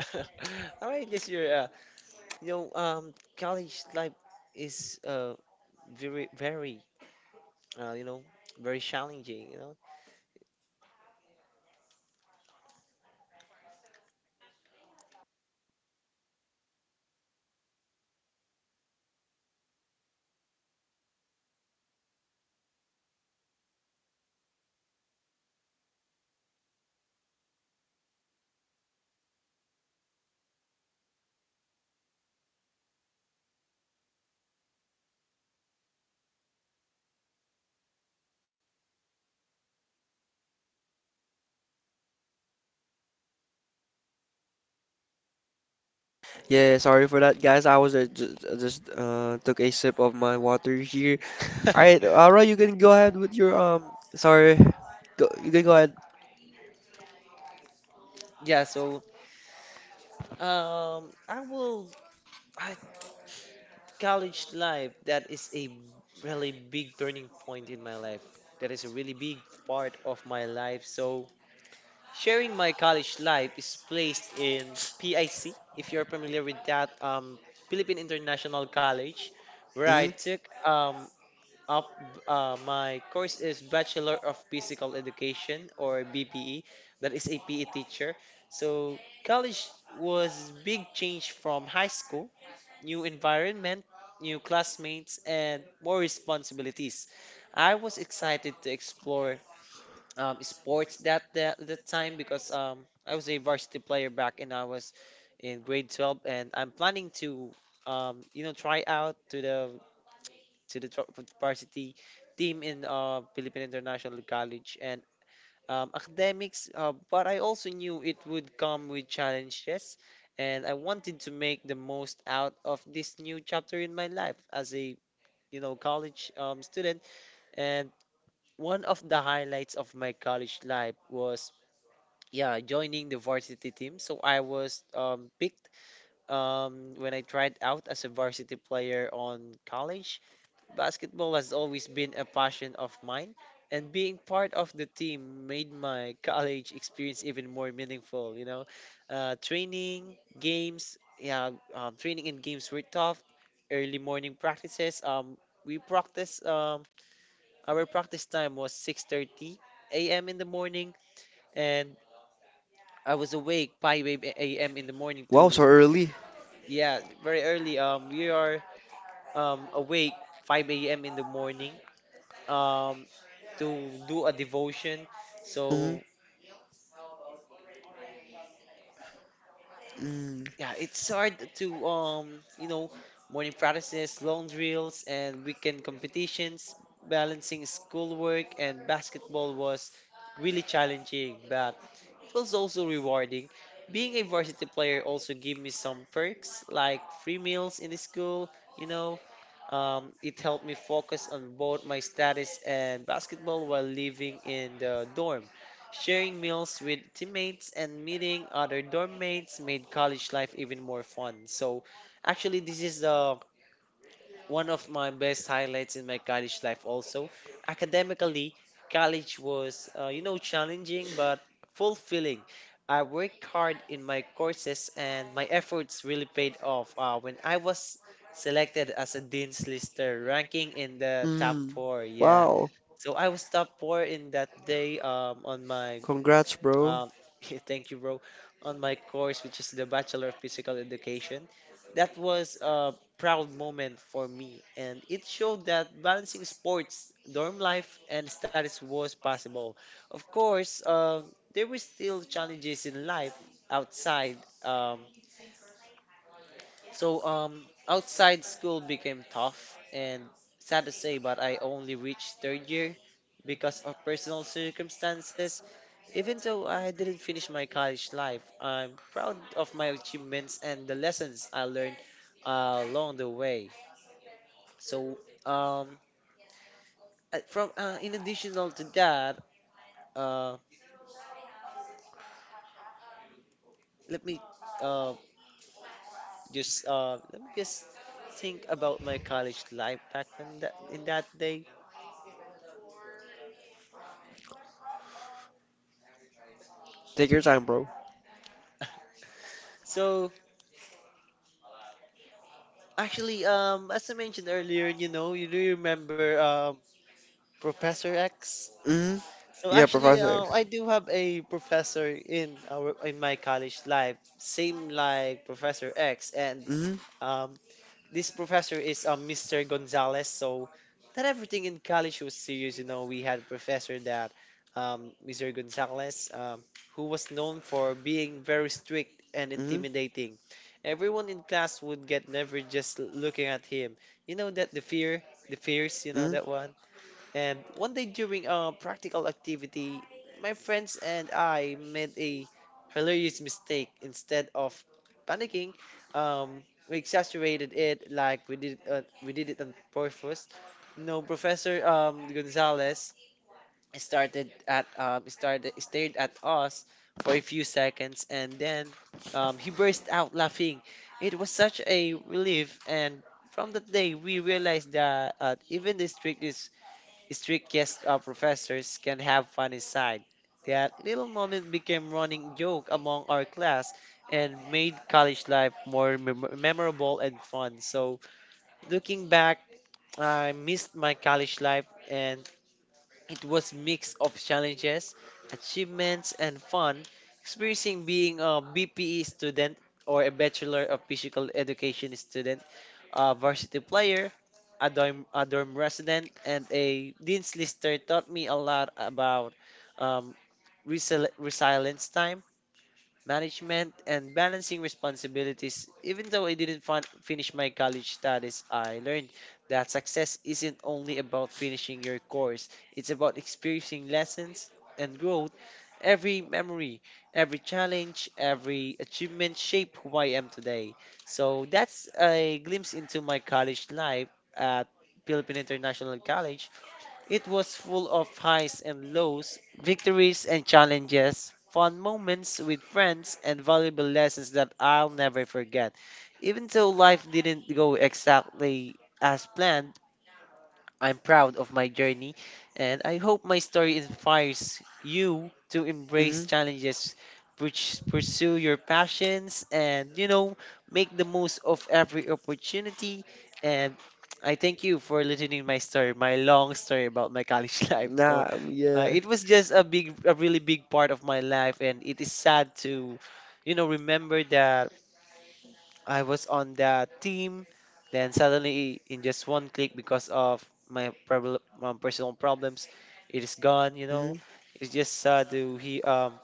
Speaker 1: All right, yes, you know, college life is very, very, you know, very challenging, you know.
Speaker 2: Yeah, sorry for that, guys. I was just, just took a sip of my water here. All right, Ara, you can go ahead with your. Sorry, you can go ahead.
Speaker 1: Yeah, so I will. I College life, that is a really big turning point in my life. That is a really big part of my life. So sharing my college life is placed in PIC, if you're familiar with that, Philippine International College, where I
Speaker 2: Hmm.
Speaker 1: took up my course is Bachelor of Physical Education, or BPE, that is a PE teacher. So college was big change from high school, new environment, new classmates, and more responsibilities. I was excited to explore sports that the time because I was a varsity player back when I was in grade 12, and I'm planning to you know, try out to the to the tr- varsity team in Philippine International College and academics, but I also knew it would come with challenges, and I wanted to make the most out of this new chapter in my life as a you know college student. And one of the highlights of my college life was, yeah, joining the varsity team. So I was picked when I tried out as a varsity player on college. Basketball has always been a passion of mine, and being part of the team made my college experience even more meaningful, you know. Training and games were tough, early morning practices. We practice Our practice time was 6:30 a.m. in the morning, and I was awake 5 a.m. in the morning
Speaker 2: Wow, so
Speaker 1: to
Speaker 2: early.
Speaker 1: yeah, very early. We are awake 5 a.m. in the morning um to do a devotion.
Speaker 2: Hmm.
Speaker 1: So
Speaker 2: Mm.
Speaker 1: yeah, it's hard to you know, morning practices, long drills, and weekend competitions. Balancing schoolwork and basketball was really challenging, but it was also rewarding. Being a varsity player also gave me some perks, like free meals in the school, you know. It helped me focus on both my studies and basketball while living in the dorm. Sharing meals with teammates and meeting other dorm mates made college life even more fun. So, actually, this is the one of my best highlights in my college life also. Academically, college was, you know, challenging but fulfilling. I worked hard in my courses and my efforts really paid off. When I was selected as a Dean's Lister, ranking in the top
Speaker 2: Mm.
Speaker 1: four, yeah.
Speaker 2: Wow,
Speaker 1: So I was top four in that day on my
Speaker 2: congrats, bro.
Speaker 1: uh, thank you, bro. On my course, which is the Bachelor of Physical Education, that was a proud moment for me, and it showed that balancing sports, dorm life, and studies was possible. Of course, there were still challenges in life outside. Um, so outside school became tough and sad to say, but I only reached third year because of personal circumstances. Even though I didn't finish my college life, I'm proud of my achievements and the lessons I learned along the way. So um, from In additional to that, uh, let me uh, just let me just think about my college life back when that in that day.
Speaker 2: Take your time, bro.
Speaker 1: So actually, as I mentioned earlier, you know, you do remember Professor X?
Speaker 2: Hmm.
Speaker 1: So
Speaker 2: Yeah,
Speaker 1: actually,
Speaker 2: Professor X.
Speaker 1: I do have a professor in our in my college life, same like Professor X, and
Speaker 2: Hmm.
Speaker 1: um, this professor is Mr. Gonzalez. So not everything in college was serious. You know, we had a professor that, Mr. Gonzalez, who was known for being very strict and
Speaker 2: Hmm.
Speaker 1: intimidating. Everyone in class would get never just looking at him. You know that the fear, the fears. You know
Speaker 2: Hmm.
Speaker 1: that one. And one day during a practical activity, my friends and I made a hilarious mistake. Instead of panicking, we exaggerated it, we did it on purpose. No, Professor Gonzalez started stared at us for a few seconds, and then, he burst out laughing. It was such a relief, and from that day we realized that, even the strictest, strictest of professors can have funny side. That little moment became running joke among our class and made college life more memorable and fun. So looking back, I missed my college life, and it was mix of challenges, achievements, and fun, experiencing being a BPE student, or a Bachelor of Physical Education student, a varsity player, a dorm resident, and a Dean's Lister, taught me a lot about, um, resilience, time management, and balancing responsibilities. Even though I didn't finish my college studies, I learned that success isn't only about finishing your course, it's about experiencing lessons and growth. Every memory, every challenge, every achievement shape who I am today. So that's a glimpse into my college life at Philippine International College. It was full of highs and lows, victories and challenges, fun moments with friends, and valuable lessons that I'll never forget. Even though life didn't go exactly as planned, I'm proud of my journey, and I hope my story inspires you to
Speaker 2: Hmm.
Speaker 1: embrace challenges, pursue your passions, and you know, make the most of every opportunity. And I thank you for listening my story, my long story about my college life. So,
Speaker 2: Nah, yeah.
Speaker 1: it was just a big, a really big part of my life, and it is sad to, you know, remember that I was on that team. Then suddenly, in just one click, because of personal problems, it is gone. You know,
Speaker 2: Hmm.
Speaker 1: it's just sad to he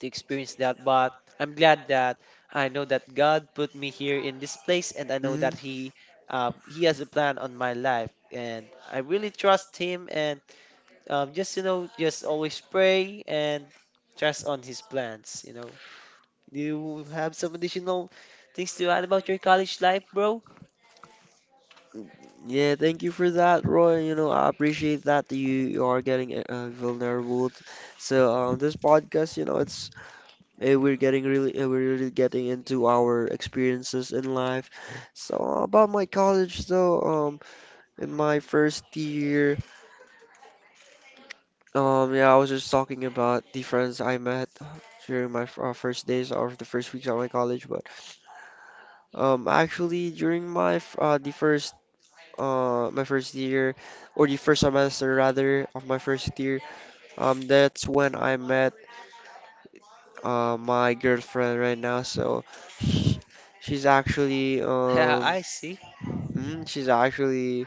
Speaker 1: to experience that. But I'm glad that I know that God put me here in this place, and I know
Speaker 2: Hmm.
Speaker 1: that He has a plan on my life, and I really trust Him. And, just you know, just always pray and trust on His plans. You know. Do you have some additional things to add about your college life, bro?
Speaker 2: Yeah, thank you for that, Roy. You know, I appreciate that you are getting vulnerable. So, this podcast, you know, it's we're getting really we're really getting into our experiences in life. So, about my college, though, um, in my first year, yeah, I was just talking about the friends I met during my first days or the first weeks of my college, but actually during my the first my first year, or the first semester rather of my first year. That's when I met my girlfriend right now. So sh- she's actually
Speaker 1: Yeah, I see.
Speaker 2: she's actually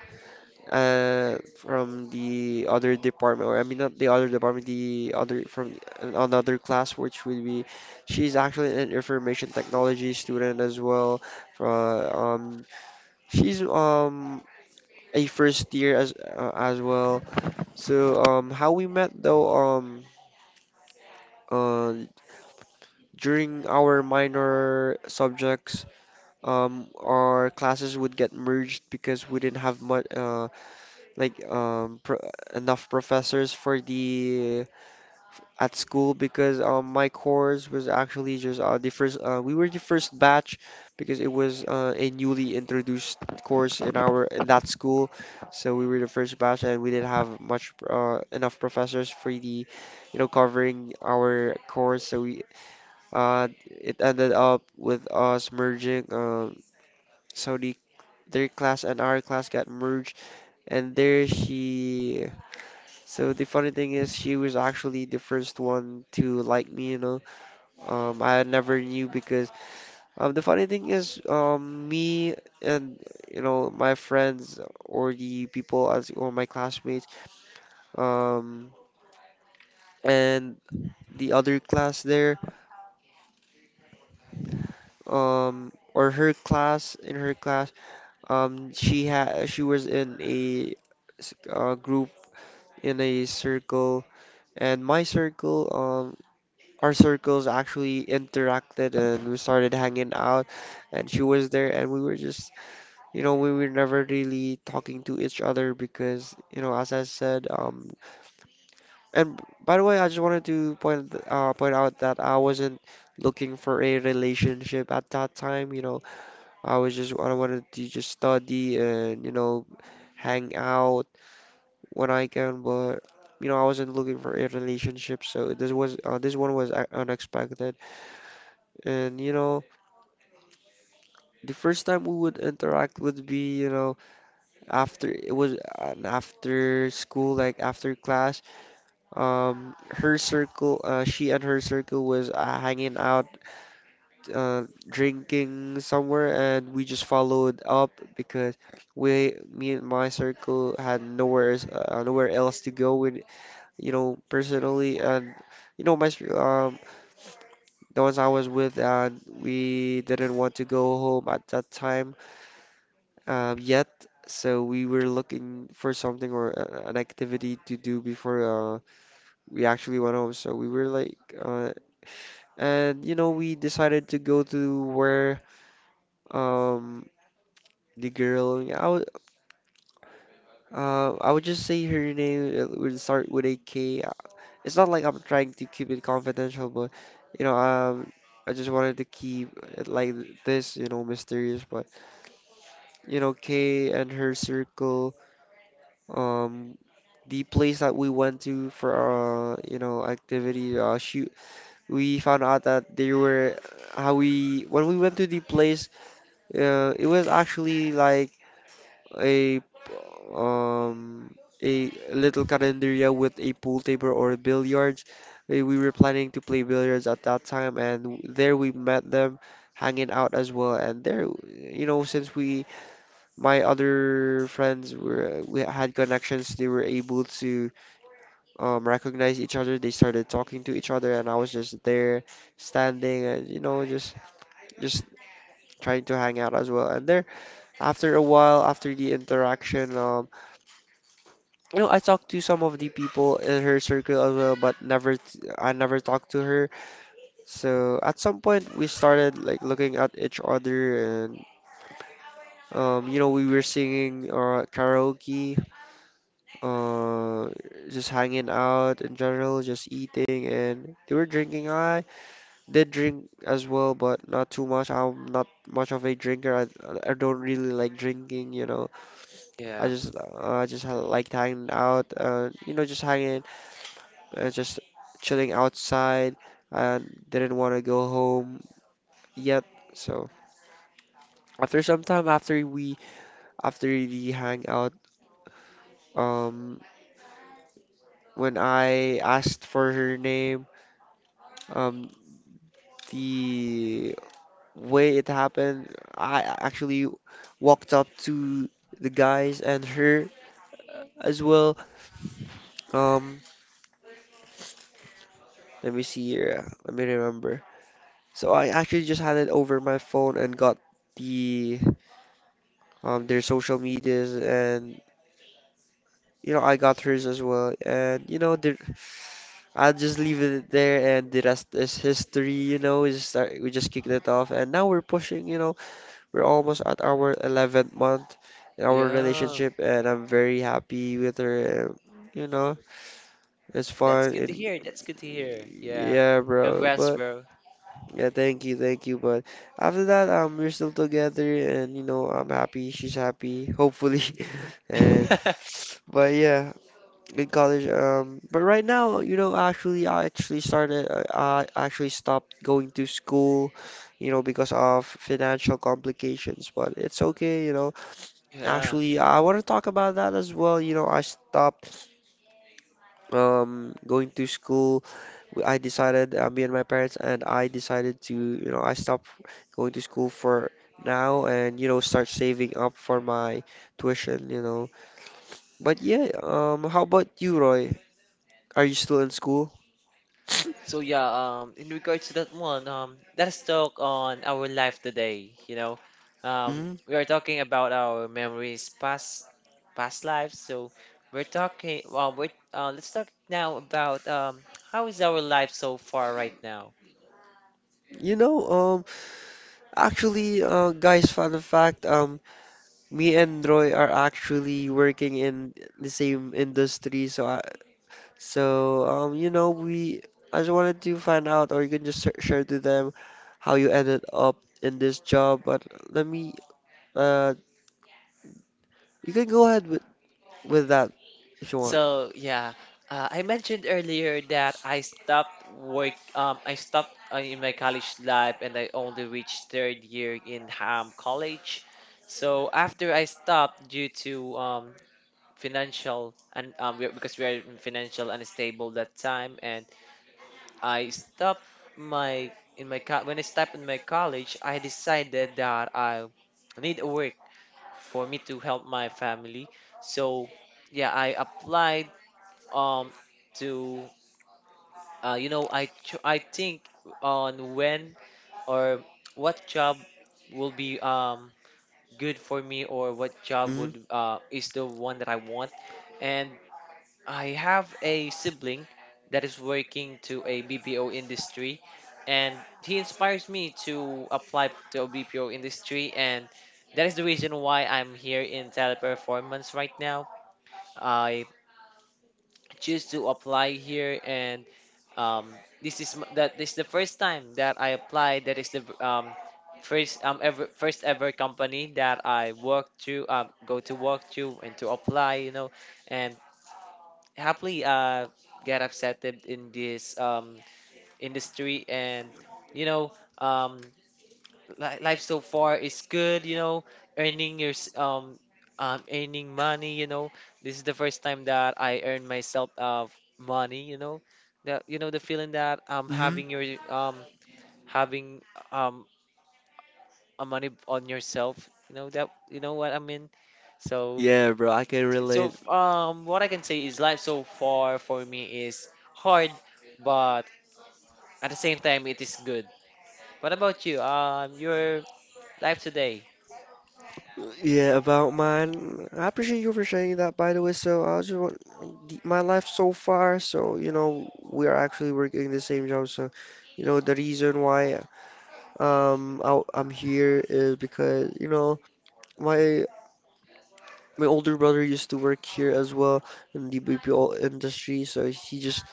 Speaker 2: from the other department, or I mean not the other department, the other from another class, which would be she's actually an information technology student as well. From she's a first year as well. So, how we met though, uh, during our minor subjects, our classes would get merged because we didn't have much, like, pro enough professors for the at school because my course was actually just the first we were the first batch because it was a newly introduced course in our in that school, so we were the first batch and we didn't have much enough professors for the you know covering our course, so we it ended up with us merging so the their class and our class got merged, and there she, so the funny thing is she was actually the first one to like me, you know, I never knew because the funny thing is, me and you know my friends or the people as or my classmates, um, and the other class there, or her class in her class, she was in a group in a circle, and my circle, our circles actually interacted and we started hanging out, and she was there, and we were just you know, we were never really talking to each other because, you know, as I said, and by the way, I just wanted to point out that I wasn't looking for a relationship at that time. You know, I wanted to just study and you know hang out when I can, but you know, I wasn't looking for a relationship. So this was this one was unexpected, and you know, the first time we would interact would be, you know, after it was an after school like after class um her circle she and her circle was hanging out drinking somewhere, and we just followed up because we me and my circle had nowhere else to go with you know personally and you know the ones I was with, and we didn't want to go home at that time yet, so we were looking for something or a, an activity to do before we actually went home. So we were like, and you know, we decided to go to where um, the girl, I would just say her name would start with a K. It's not like I'm trying to keep it confidential, but you know, I just wanted to keep it like this, you know, mysterious. But you know, K and her circle. Um, the place that we went to for you know activity shoot, we found out that they were, how we when we went to the place, it was actually like a um a little calendaria with a pool table or billiards. We were planning to play billiards at that time, and there we met them hanging out as well, and there you know since we my other friends were we had connections, they were able to recognized each other. They started talking to each other, and I was just there, standing, and you know, just trying to hang out as well. And there, after a while, after the interaction, you know, I talked to some of the people in her circle as well, but never, I never talked to her. So at some point, we started like looking at each other and. You know, we were singing karaoke, uh, just hanging out in general, just eating, and they were drinking. I did drink as well, but not too much. I'm not much of a drinker. I don't really like drinking, you know.
Speaker 1: Yeah.
Speaker 2: I just liked hanging out, you know, just hanging, just chilling outside. And didn't want to go home yet. So after some time, after we after the hangout, um, when I asked for her name, um, the way it happened, I actually walked up to the guys and her as well. Um, let me see here. Let me remember. So I actually just handed over my phone and got the their social medias, and you know I got hers as well. And you know the, I'll just leave it there and the rest is history. You know, we just kicked it off, and now we're pushing. You know, we're almost at our 11th month in our
Speaker 1: Yeah.
Speaker 2: relationship, and I'm very happy with her. And, you know, it's
Speaker 1: That's
Speaker 2: fun.
Speaker 1: good to
Speaker 2: And
Speaker 1: hear. That's good to hear. Yeah.
Speaker 2: yeah, bro.
Speaker 1: Congrats,
Speaker 2: But
Speaker 1: bro.
Speaker 2: yeah, thank you, thank you. But after that, we're still together, and you know, I'm happy. She's happy, hopefully. And but yeah, in college. But right now, you know, actually, I actually started. I actually stopped going to school, you know, because of financial complications. But it's okay, you know.
Speaker 1: Yeah.
Speaker 2: Actually, yeah, I want to talk about that as well. You know, I stopped going to school. I decided, me and my parents, and I decided to, you know, I stopped going to school for now and, you know, start saving up for my tuition, you know. But yeah, how about you, Roy? Are you still in school?
Speaker 1: So yeah, in regards to that one, let's talk on our life today, you know.
Speaker 2: Mm,
Speaker 1: We are talking about our memories, past lives. So we're let's talk now about how is our life so far right now?
Speaker 2: you know, actually, guys, fun fact, me and Roy are actually working in the same industry, so, you know, we I just wanted to find out, or you can just share to them how you ended up in this job. But let me, uh, you can go ahead with that if you want.
Speaker 1: So yeah, I mentioned earlier that I stopped work. I stopped in my college life, and I only reached third year in college. So after I stopped due to financial and we because we are in financial unstable that time, and I stopped my in my co- when I stopped in my college, I decided that I need a work for me to help my family. So yeah, I applied um to I think on when or what job will be good for me, or what job
Speaker 2: Hmm.
Speaker 1: would is the one that I want. And I have a sibling that is working to a BPO industry, and he inspires me to apply to a BPO industry, and that is the reason why I'm here in teleperformance right now. I choose to apply here and, this is m- that this is the first time that I applied, that is the v- first ever first ever company that I worked to, go to work to and to apply, you know. And happily, get accepted in this industry. And you know, um, li- life so far is good, you know, earning your s- um earning money, you know. This is the first time that I earn myself of money, you know. That, you know, the feeling that
Speaker 2: Hmm.
Speaker 1: um having um a money on yourself, you know, that you know what I mean. So
Speaker 2: Yeah, bro, I can relate.
Speaker 1: what I can say is life so far for me is hard, but at the same time it is good. What about you? Your life today?
Speaker 2: Yeah, about mine. I appreciate you for sharing that, by the way. So I just want my life so far. So you know, we are actually working the same job. So you know, the reason why. I, I'm here is because, you know, my my older brother used to work here as well in the BPO industry, so he just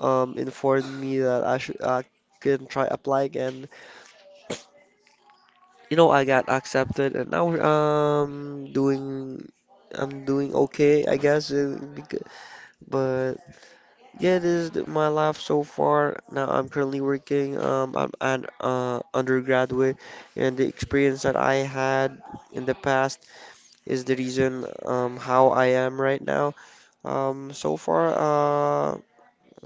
Speaker 2: informed me that I can try applying, and you know I got accepted, and now we're, doing I'm doing okay, I guess. But yeah, this is my life so far. Now I'm currently working. I'm an undergraduate, and the experience that I had in the past is the reason how I am right now. So far,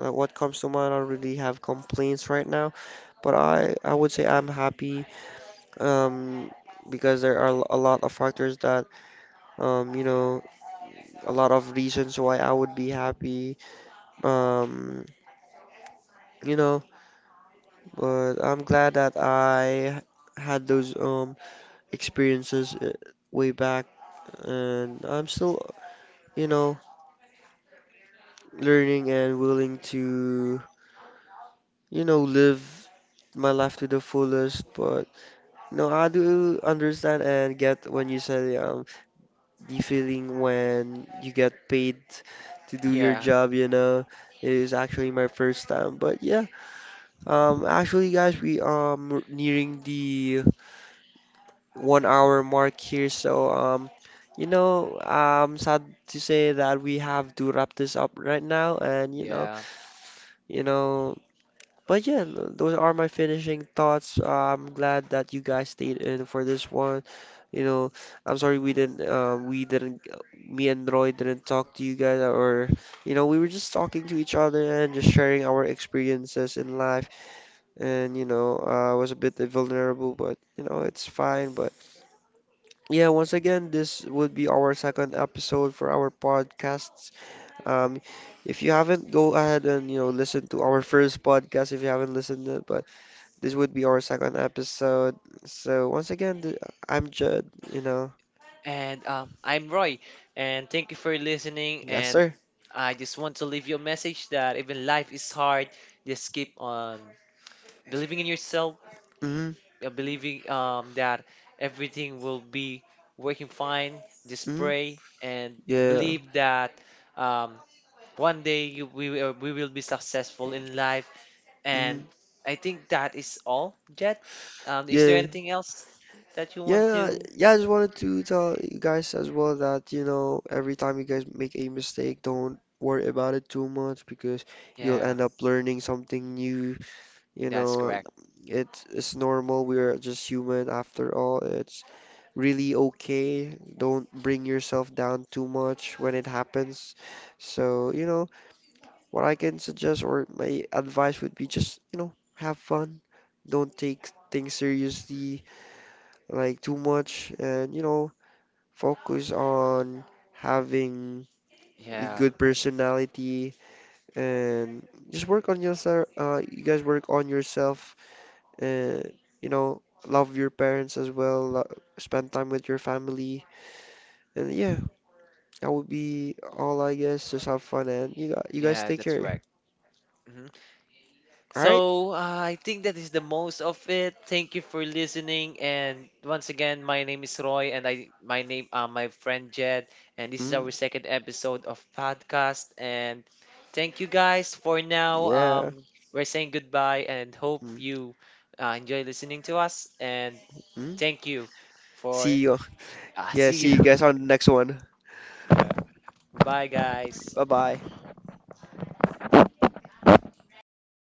Speaker 2: what comes to mind, I don't really have complaints right now, but I would say I'm happy um, because there are a lot of factors that, you know, a lot of reasons why I would be happy, um, you know, but I'm glad that I had those experiences way back, and I'm still, you know, learning and willing to you know, live my life to the fullest. But no, I do understand and get when you say the feeling when you get paid to do your
Speaker 1: Yeah.
Speaker 2: job. You know, it is actually my first time. But yeah, actually, guys, we nearing the 1 hour mark here. So. You know, I'm sad to say that we have to wrap this up right now, and
Speaker 1: Yeah.
Speaker 2: you know, but yeah, those are my finishing thoughts. I'm glad that you guys stayed in for this one. You know, I'm sorry we didn't, me and Roy didn't talk to you guys, or you know, we were just talking to each other and just sharing our experiences in life. And you know, I was a bit vulnerable, but you know, it's fine. But yeah, once again, this would be our second episode for our podcasts. Um, if you haven't, go ahead and you know listen to our first podcast if you haven't listened to it, but. This would be our second episode. So once again, I'm Judd, you know.
Speaker 1: And I'm Roy, and thank you for listening.
Speaker 2: Yes,
Speaker 1: And
Speaker 2: sir.
Speaker 1: I just want to leave you a message that even life is hard, just keep on believing in yourself,
Speaker 2: Hmm.
Speaker 1: believing that everything will be working fine. Just
Speaker 2: Hmm.
Speaker 1: pray and
Speaker 2: Yeah.
Speaker 1: believe that, um, one day you, we, we will be successful in life.
Speaker 2: Hmm.
Speaker 1: And I think that is all, Jet. Is there
Speaker 2: Yeah.
Speaker 1: anything else that you want
Speaker 2: Yeah,
Speaker 1: to?
Speaker 2: yeah, I just wanted to tell you guys as well that, you know, every time you guys make a mistake, don't worry about it too much because you'll
Speaker 1: Yeah,
Speaker 2: end up learning something new. You
Speaker 1: that's
Speaker 2: know,
Speaker 1: correct.
Speaker 2: it's normal. We're just human after all. It's really okay. Don't bring yourself down too much when it happens. So, you know, what I can suggest or my advice would be just, you know, have fun. Don't take things seriously like too much and, you know, focus on having a
Speaker 1: Yeah.
Speaker 2: good personality and just work on yourself. You guys work on yourself and, you know, love your parents as well, spend time with your family. And yeah, that would be all, I guess. Just have fun, and you guys
Speaker 1: Yeah,
Speaker 2: take
Speaker 1: that's
Speaker 2: care.
Speaker 1: correct. Hmm.
Speaker 2: All right?
Speaker 1: So, I think that is the most of it. Thank you for listening. And once again, my name is Roy, and I my name my friend Jed, and this is
Speaker 2: Mm.
Speaker 1: our second episode of podcast. And thank you guys for now.
Speaker 2: Yeah.
Speaker 1: We're saying goodbye, and hope
Speaker 2: Mm.
Speaker 1: you, enjoy listening to us. And
Speaker 2: Mm.
Speaker 1: thank you for
Speaker 2: See you. Yeah,
Speaker 1: see
Speaker 2: see you
Speaker 1: you.
Speaker 2: guys on the next one.
Speaker 1: Bye, guys,
Speaker 2: Bye bye.
Speaker 1: and thank